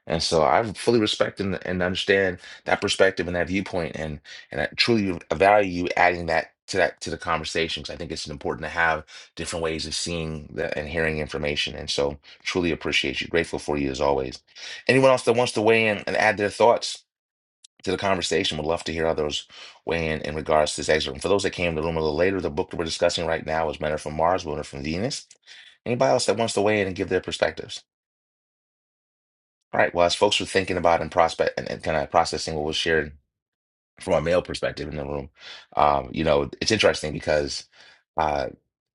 and so i fully respect and, and understand that perspective and that viewpoint and and I truly value adding that to that to the conversation because I think it's important to have different ways of seeing the, and hearing information. And so, truly appreciate you. Grateful for you as always. Anyone else that wants to weigh in and add their thoughts to the conversation, would love to hear others weigh in in regards to this excerpt. And for those that came to the room a little later, the book that we're discussing right now is Men Are from Mars, Women Are from Venus. Anybody else that wants to weigh in and give their perspectives? All right. Well, as folks are thinking about and prospect and, and kind of processing what was shared from a male perspective in the room. Um, you know, it's interesting because uh,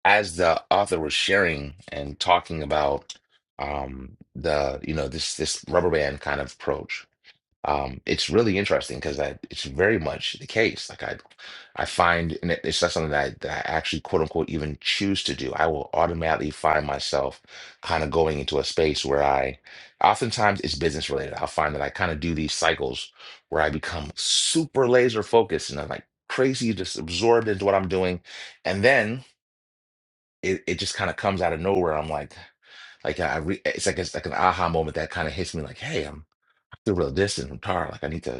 as the author was sharing and talking about um, the, you know, this this rubber band kind of approach, um, it's really interesting because that it's very much the case. Like I, I find, and it- it's not something that I, that I actually quote unquote even choose to do. I will automatically find myself kind of going into a space where I, oftentimes it's business related. I'll find that I kind of do these cycles where I become super laser focused and I'm like crazy, just absorbed into what I'm doing, and then it, it just kind of comes out of nowhere. I'm like, like I, re, it's like it's like an aha moment that kind of hits me. Like, hey, I'm. I Real distant from Tara. Like I need to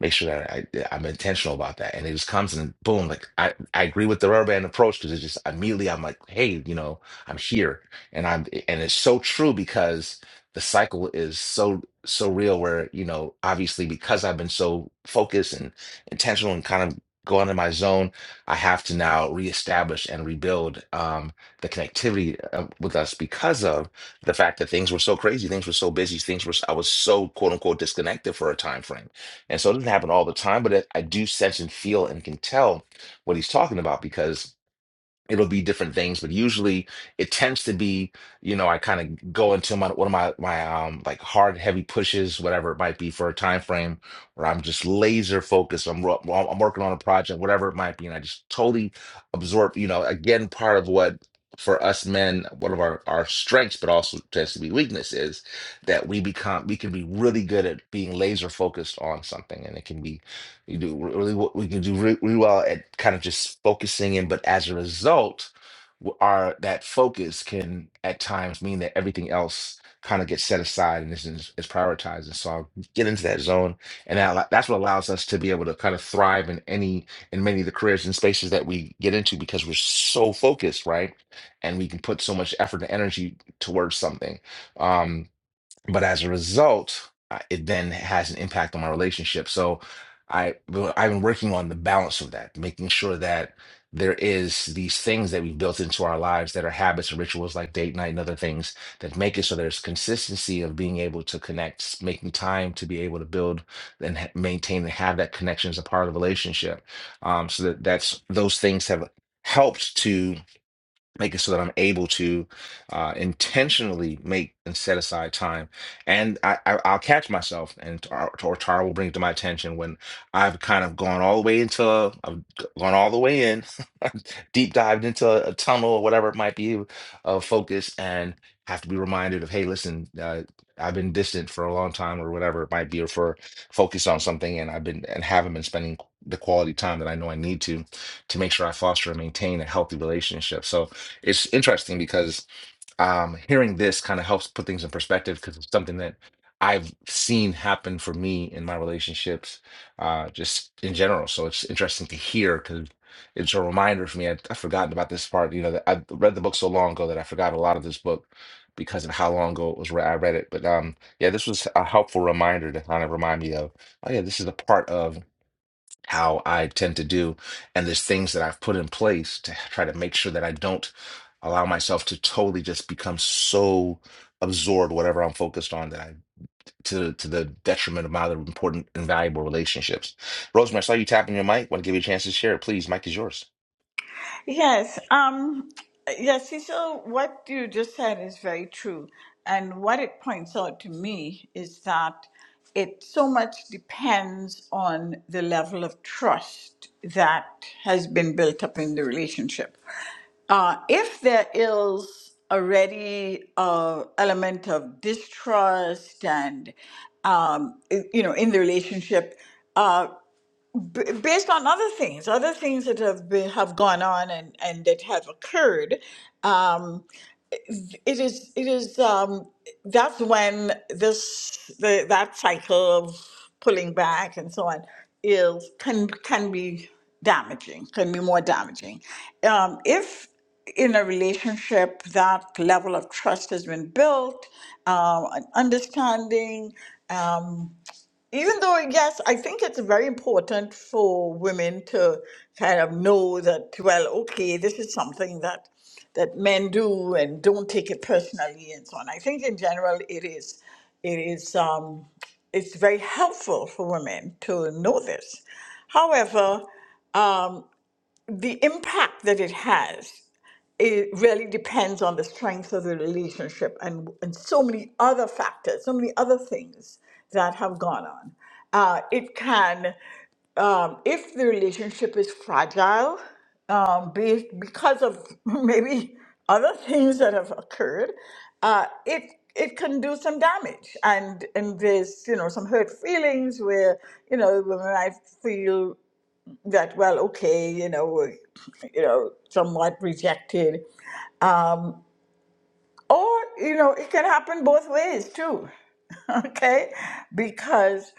make sure that I, I'm intentional about that. And it just comes and boom, like I, I agree with the rubber band approach because it's just immediately I'm like, hey, you know, I'm here. And I'm and it's so true because the cycle is so so real where, you know, obviously because I've been so focused and intentional and kind of going in my zone, I have to now reestablish and rebuild um, the connectivity uh, with us because of the fact that things were so crazy, things were so busy, things were I was so quote unquote disconnected for a time frame and so it doesn't happen all the time, but it, I do sense and feel and can tell what he's talking about because it'll be different things, but usually it tends to be, you know, I kind of go into my one of my my um like hard heavy pushes, whatever it might be for a time frame where I'm just laser focused. I'm ro- well, I'm working on a project, whatever it might be, and I just totally absorb, you know, again, part of what for us men, one of our our strengths, but also tends to be weakness is that we become we can be really good at being laser focused on something, and it can be you do re- really what we can do re- really well at kind of just focusing in, but as a result, w- our that focus can at times mean that everything else kind of gets set aside and isn't is is prioritized. And so I'll get into that zone, and that, allo- that's what allows us to be able to kind of thrive in any in many of the careers and spaces that we get into because we're so focused, right? And we can put so much effort and energy towards something. Um, but as a result, I- it then has an impact on my relationship. So I well, I've been working on the balance of that, making sure that there is these things that we've built into our lives that are habits and rituals like date night and other things that make it so there's consistency of being able to connect, making time to be able to build and ha- maintain and have that connection as a part of the relationship. Um, so that that's those things have helped to make it so that I'm able to uh, intentionally make and set aside time. And I, I, I'll catch myself, and Tar- or Tara will bring it to my attention when I've kind of gone all the way into, I've g- gone all the way in, deep dived into a tunnel or whatever it might be of focus, and have to be reminded of, hey, listen, uh, I've been distant for a long time or whatever it might be, or for focused on something, and I've been and haven't been spending the quality time that I know I need to to make sure I foster and maintain a healthy relationship. So it's interesting because um, hearing this kind of helps put things in perspective because it's something that I've seen happen for me in my relationships, uh, just in general. So it's interesting to hear because it's a reminder for me. I, I've forgotten about this part. You know, that I read the book so long ago that I forgot a lot of this book because of how long ago it was re- I read it. But um, yeah, this was a helpful reminder to kind of remind me of, oh yeah, this is a part of how I tend to do, and there's things that I've put in place to try to make sure that I don't allow myself to totally just become so absorbed whatever I'm focused on that I to to the detriment of my other important and valuable relationships. Rosemary, I saw you tapping your mic. Want to give you a chance to share? Please, mic is yours.
Yes. Um, yes, Cecil, what you just said is very true. And what it points out to me is that it so much depends on the level of trust that has been built up in the relationship. Uh, if there is already a element of distrust and um, i- you know in the relationship, uh, b- based on other things, other things that have been, have gone on and, and that have occurred, um, it is it is um, that's when this the, that cycle of pulling back and so on is can can be damaging, can be more damaging. Um, if in a relationship that level of trust has been built, um, an understanding. Um, even though, yes, I think it's very important for women to kind of know that, well, okay, this is something that that men do and don't take it personally and so on. I think in general it is it is um, it's very helpful for women to know this. However, um, the impact that it has it really depends on the strength of the relationship and, and so many other factors, so many other things that have gone on. Uh, it can, um, if the relationship is fragile, um, be, because of maybe other things that have occurred, uh, it it can do some damage, and and there's you know some hurt feelings where you know women might feel that well okay you know you know somewhat rejected or, you know, it can happen both ways too, okay? Because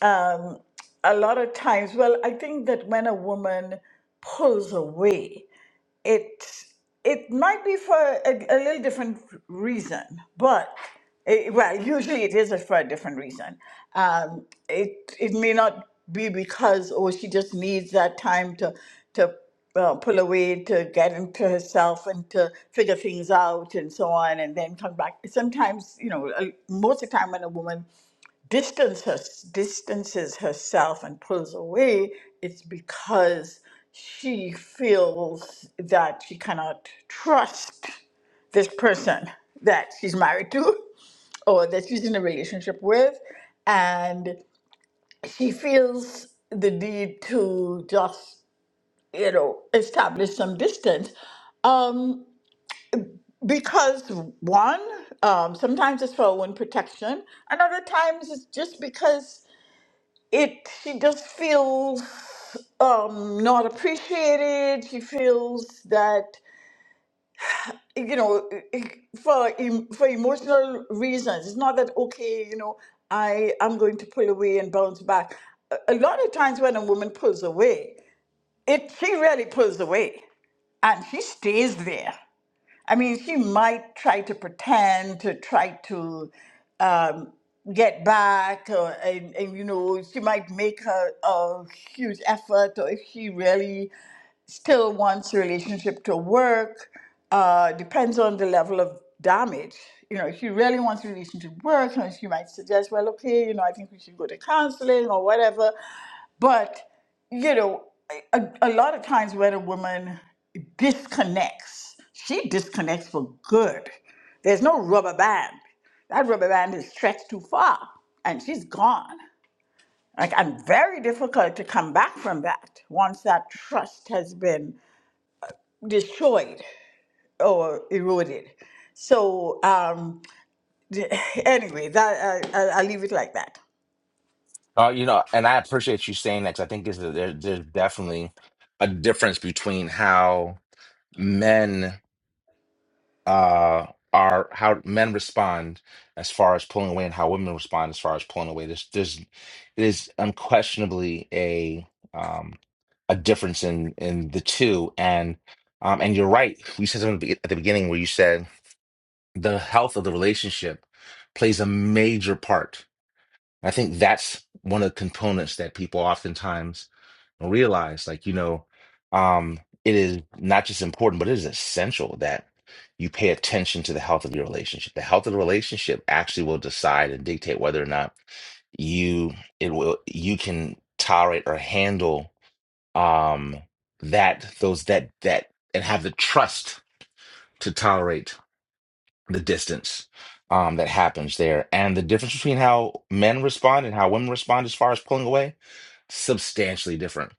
um, a lot of times, well, I think that when a woman pulls away, it it might be for a, a little different reason, but it, well, usually it is for a different reason. Um, it it may not be because oh she just needs that time to to uh, pull away to get into herself and to figure things out and so on and then come back. Sometimes you know, uh, most of the time when a woman distance her, distances herself and pulls away, it's because she feels that she cannot trust this person that she's married to or that she's in a relationship with. And she feels the need to just, you know, establish some distance. Um, because one, um, sometimes it's for her own protection, and other times it's just because it she just feels um not appreciated she feels that you know e, e, for em- for emotional reasons it's not that okay you know i i'm going to pull away and bounce back a a lot of times when a woman pulls away it she really pulls away and she stays there I mean, she might try to pretend to try to um, get back, or, and, and you know, she might make her a huge effort, or if she really still wants the relationship to work, uh, depends on the level of damage. You know, if she really wants the relationship to work, you know, she might suggest, well, okay, you know, I think we should go to counseling or whatever. But, you know, a, a lot of times when a woman disconnects, she disconnects for good. There's no rubber band. That rubber band is stretched too far and she's gone. Like, and very difficult to come back from that once that trust has been destroyed or eroded. So, um, anyway, that, I, I, I'll leave it like that.
Uh, you know, and I appreciate you saying that because I think is that there, there's definitely a difference between how men. uh are how men respond as far as pulling away and how women respond as far as pulling away. There's there's it is unquestionably a um a difference in in the two and um and you're right. You said something at the be- at the beginning where you said the health of the relationship plays a major part I think that's one of the components that people oftentimes don't realize. Like, you know, um, it is not just important, but it is essential that you pay attention to the health of your relationship. The health of the relationship actually will decide and dictate whether or not you it will you can tolerate or handle um that those that that and have the trust to tolerate the distance um, that happens there. And the difference between how men respond and how women respond as far as pulling away, substantially different.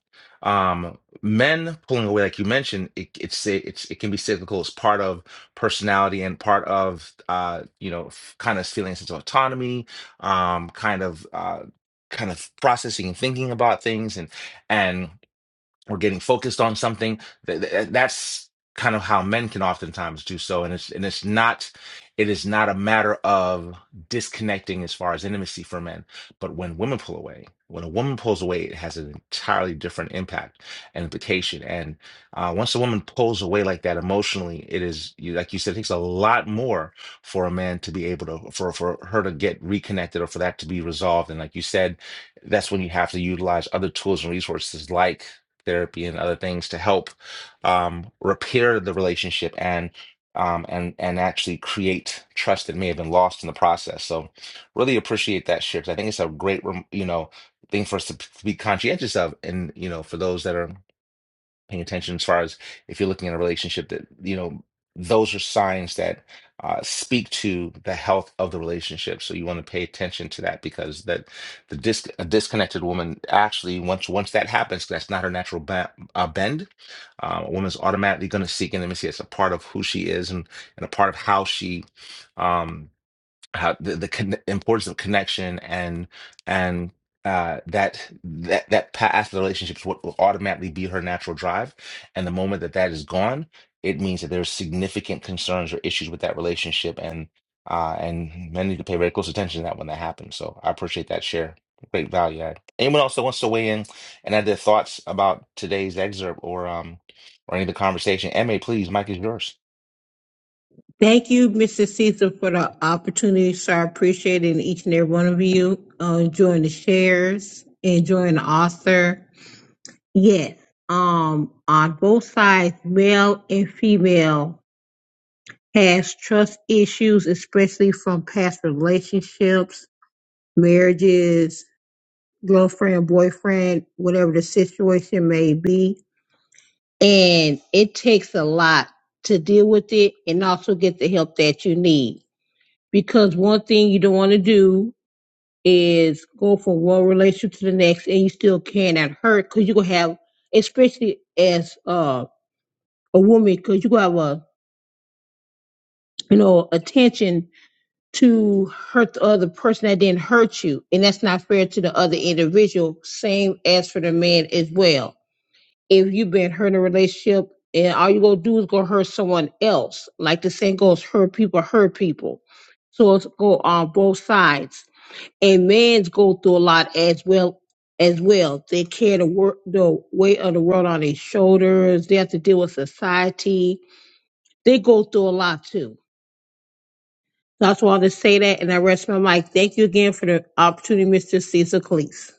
Um, men pulling away, like you mentioned, it, it's it's it can be cyclical. It's part of personality and part of uh, you know f- kind of feeling a sense of autonomy, um, kind of uh, kind of processing and thinking about things and and or getting focused on something. Th- th- That's kind of how men can oftentimes do so, and it's and it's not it is not a matter of disconnecting as far as intimacy for men. But when women pull away, when a woman pulls away, it has an entirely different impact and implication. And uh, once a woman pulls away like that emotionally, it is you like you said, it takes a lot more for a man to be able to for for her to get reconnected or for that to be resolved. And like you said, that's when you have to utilize other tools and resources like therapy and other things to help um, repair the relationship and um, and and actually create trust that may have been lost in the process. So really appreciate that share 'cause I think it's a great rem- you know thing for us to p- be conscientious of, and you know for those that are paying attention as far as if you're looking at a relationship that you know those are signs that uh, speak to the health of the relationship so you want to pay attention to that because that the dis- a disconnected woman actually once once that happens 'cause that's not her natural ba- uh, bend uh, a woman's automatically going to seek intimacy it's a part of who she is and, and a part of how she um, how the, the conne- importance of connection and and uh, that that that past relationships what will automatically be her natural drive, and the moment that that is gone, it means that there's significant concerns or issues with that relationship, and uh, and men need to pay very close attention to that when that happens. So I appreciate that share, great value add. Anyone else that wants to weigh in and add their thoughts about today's excerpt or um or any of the conversation? Ma, please, Mike is yours.
Thank you, Mr. Caesar, for the opportunity. So I appreciate it each and every one of you. Uh, enjoying the shares, enjoying the author. Yes. Um, on both sides, male and female has trust issues, especially from past relationships, marriages, girlfriend, boyfriend, whatever the situation may be. And it takes a lot to deal with it and also get the help that you need. Because one thing you don't want to do is go from one relationship to the next and you still cannot hurt because you're going to have, especially as uh, a woman, because you're going to have a, you know, attention to hurt the other person that didn't hurt you. And that's not fair to the other individual. Same as for the man as well if you've been hurt in a relationship and all you gonna do is go hurt someone else. Like the saying goes, hurt people, hurt people. So it's go on both sides. And men's go through a lot as well as well. They carry the work the weight of the world on their shoulders. They have to deal with society. They go through a lot too. So I just wanted to say that and I rest my mic. Thank you again for the opportunity, Mr. Cecil Cleese.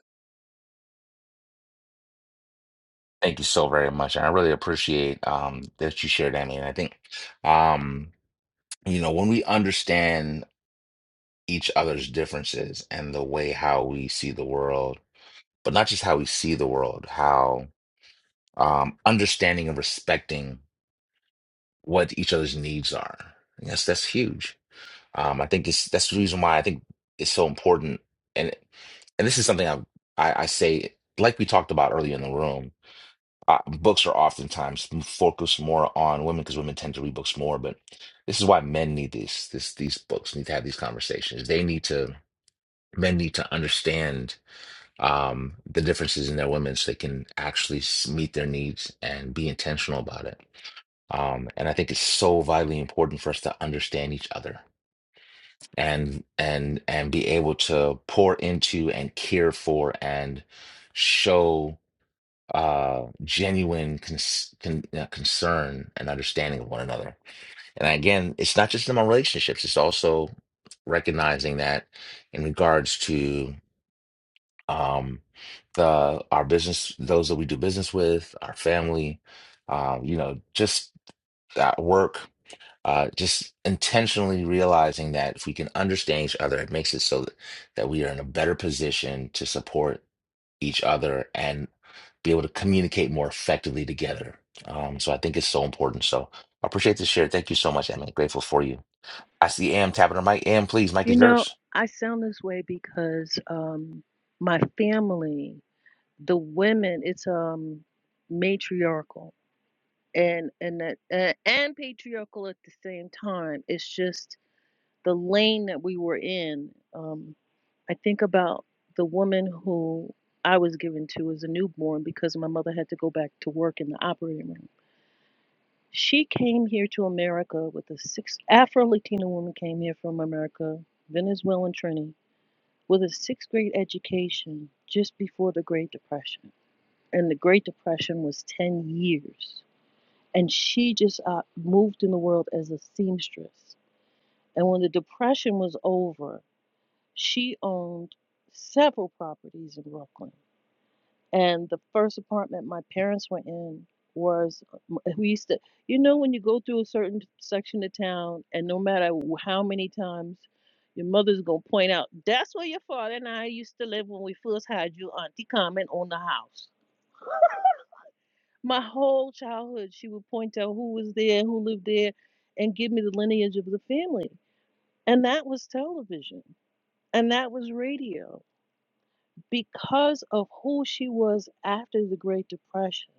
Thank you so very much. And I really appreciate um, that you shared, Annie. And I think, um, you know, when we understand each other's differences and the way how we see the world, but not just how we see the world, how um, understanding and respecting what each other's needs are. Yes, that's huge. Um, I think it's, that's the reason why I think it's so important. And and this is something I, I, I say, like we talked about earlier in the room uh, books are oftentimes focused more on women because women tend to read books more. But this is why men need these this these books need to have these conversations. They need to men need to understand um, the differences in their women so they can actually s- meet their needs and be intentional about it. Um, and I think it's so vitally important for us to understand each other and and and be able to pour into and care for and show uh, genuine cons con uh, concern and understanding of one another. And again, it's not just in about relationships, it's also recognizing that in regards to um, the our business, those that we do business with, our family, uh, you know, just at work, uh, just intentionally realizing that if we can understand each other, it makes it so that, that we are in a better position to support each other and be able to communicate more effectively together. Um, so I think it's so important. So I appreciate this share. Thank you so much, Emma. Grateful for you. I see Am tapping her mic. Am, please, Mike
You
is
know,
yours.
I sound this way because um my family, the women, it's um matriarchal and and that- a- and patriarchal at the same time. It's just the lane that we were in. Um I think about the woman who I was given to as a newborn because my mother had to go back to work in the operating room. She came here to America with a six Afro Latina woman came here from America, Venezuelan Trini with a sixth grade education just before the Great Depression. And the Great Depression was 10 years. And she just uh, moved in the world as a seamstress. And when the Depression was over, she owned several properties in Brooklyn and the first apartment my parents were in was we used to, you know, when you go through a certain section of town, and no matter how many times your mother's gonna point out, that's where your father and I used to live when we first had you, Auntie Carmen, on the house. My whole childhood, she would point out who was there, who lived there, and give me the lineage of the family. And that was television, and that was radio because of who she was after the Great Depression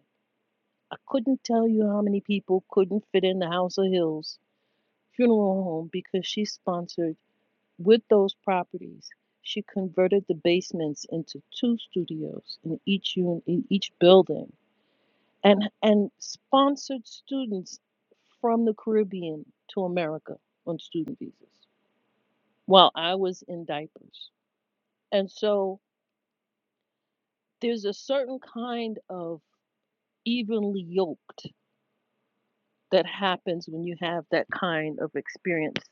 I couldn't tell you how many people couldn't fit in the House of Hills funeral home because she sponsored with those properties. She converted the basements into two studios in each un- in each building and and sponsored students from the Caribbean to America on student visas while I was in diapers. And so there's a certain kind of evenly yoked that happens when you have that kind of experience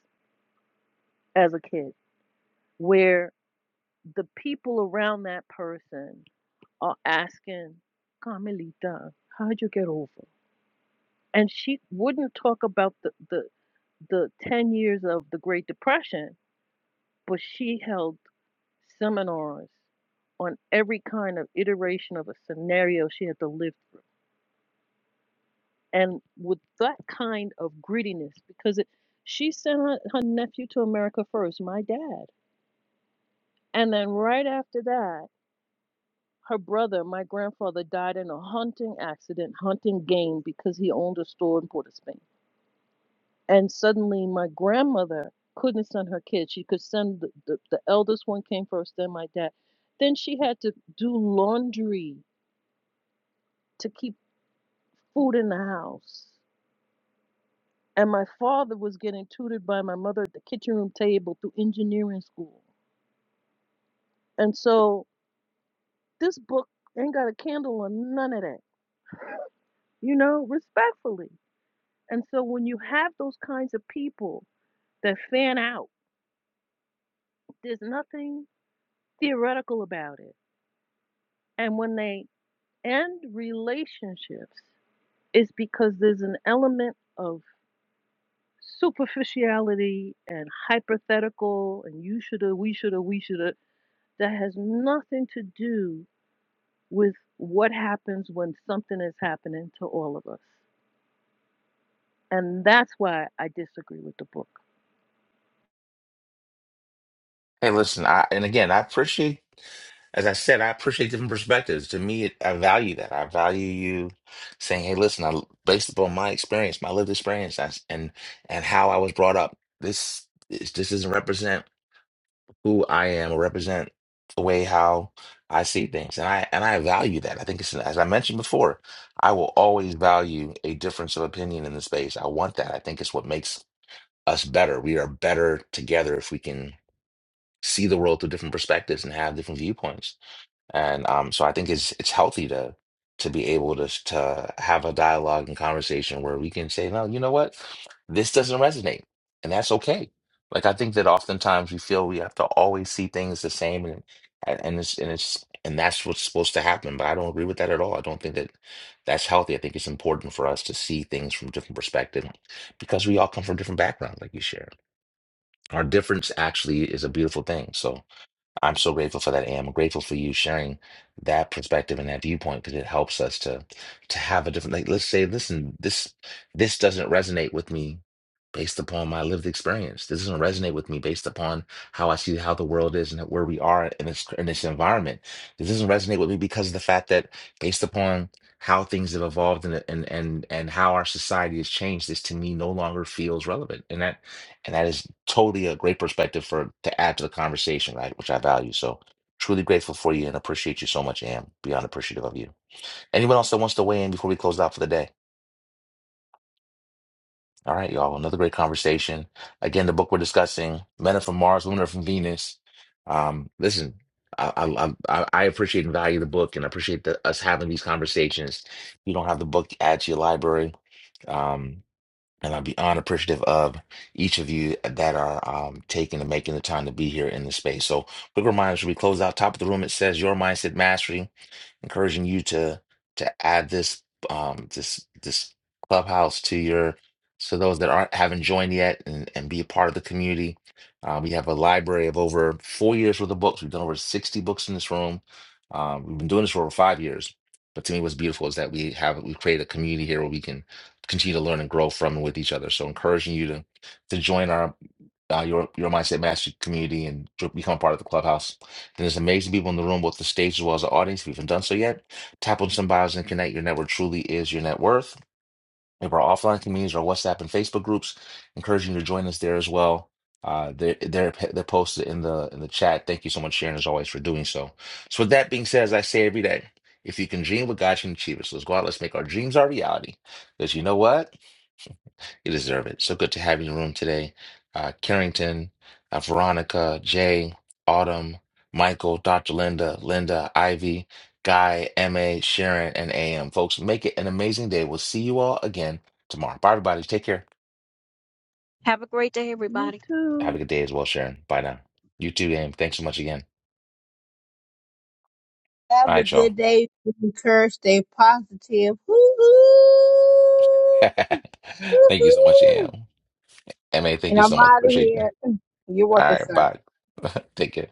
as a kid where the people around that person are asking Carmelita, how'd you get over? And she wouldn't talk about the, the the 10 years of the Great Depression, but she held seminars on every kind of iteration of a scenario she had to live through. And with that kind of grittiness, because it, she sent her, her nephew to America first, my dad. And then right after that, Her brother, my grandfather, died in a hunting accident, hunting game, because he owned a store in Port of Spain. And suddenly, my grandmother couldn't send her kids. She could send the, the, the eldest one came first, then my dad. Then she had to do laundry to keep food in the house. And my father was getting tutored by my mother at the kitchen room table through engineering school. And so this book ain't got a candle on none of that, you know, respectfully. And so when you have those kinds of people that fan out, there's nothing theoretical about it. And when they end relationships, it's because there's an element of superficiality and hypothetical and you shoulda, we shoulda, we shoulda that has nothing to do with what happens when something is happening to all of us. And that's why I disagree with the book.
Hey, listen, I and again, I appreciate, as I said, I appreciate different perspectives. To me, it, I value that. I value you saying, "Hey, listen, I based upon my experience, my lived experience, I, and and how I was brought up. This is, this doesn't represent." who I am represent the way how I see things. And I and I value that. I think it's as I mentioned before, I will always value a difference of opinion in the space. I want that. I think it's what makes us better. We are better together if we can see the world through different perspectives and have different viewpoints. And um, so I think it's it's healthy to to be able to s- to have a dialogue and conversation where we can say, no, you know what, this doesn't resonate, and that's okay. Like I think that oftentimes we feel we have to always see things the same, and and and it's and it's and that's what's supposed to happen. But I don't agree with that at all. I don't think that that's healthy. I think it's important for us to see things from different perspective because we all come from different backgrounds, like you shared. Our difference actually is a beautiful thing. So I'm so grateful for that, Am. I'm grateful for you sharing that perspective and that viewpoint because it helps us to to have a different like let's say, listen, this this doesn't resonate with me based upon my lived experience. This doesn't resonate with me based upon how I see how the world is and where we are in this in this environment. This doesn't resonate with me because of the fact that based upon how things have evolved and and and and how our society has changed, this to me no longer feels relevant. And that and that is totally a great perspective for to add to the conversation, right? Which I value. So truly grateful for you and appreciate you so much, Am. Beyond appreciative of you. Anyone else that wants to weigh in before we close out for the day? All right, y'all. Another great conversation. Again, the book we're discussing, Men Are From Mars, Women Are From Venus. Um, listen, I, I I I appreciate and value the book, and I appreciate the, us having these conversations. If you don't have the book, add to your library. Um, And I'll be honored, appreciative of each of you that are um, taking and making the time to be here in the space. So, quick reminder: as we close out top of the room, it says "Your Mindset Mastery." encouraging you to to add this um this this clubhouse to your so those that aren't haven't joined yet and, and be a part of the community. Uh, we have a library of over four years worth of books. We've done over 60 books in this room. Um, we've been doing this for over five years. But to me, what's beautiful is that we have we create a community here where we can continue to learn and grow from and with each other. So encouraging you to to join our uh, your your mindset mastery community and jo- become a part of the clubhouse there's amazing people in the room, both the stage as well as the audience. If you haven't done so yet, tap on some bios and connect. Your network truly is your net worth. We have our offline communities, our WhatsApp and Facebook groups, encouraging you to join us there as well. Uh, they're, they're they're posted in the in the chat. Thank you so much, Sharon, as always, for doing so. So with that being said, as I say every day, if you can dream what God you can achieve it. So let's go out, let's make our dreams our reality. Because you know what? You deserve it. So good to have you in the room today. Uh, Carrington, uh, Veronica, Jay, Autumn, Michael, Dr. Linda, Linda, Ivy, Guy, MA, Sharon, and AM. Folks, make it an amazing day. We'll see you all again tomorrow. Bye, everybody. Take care.
Me
Have a
too.
good day as well, Sharon. Bye now. You too, AM. Thanks so much again. All
Have a
right, y'all.
good day. Be encouraged. Stay positive. Woo-hoo.
thank you so much,
Woo-hoo.
AM. MA, thank
And
you
I'm
so much.
out of
Appreciate you.
here. You're
All
welcome,
right,
sir.
bye. Take care.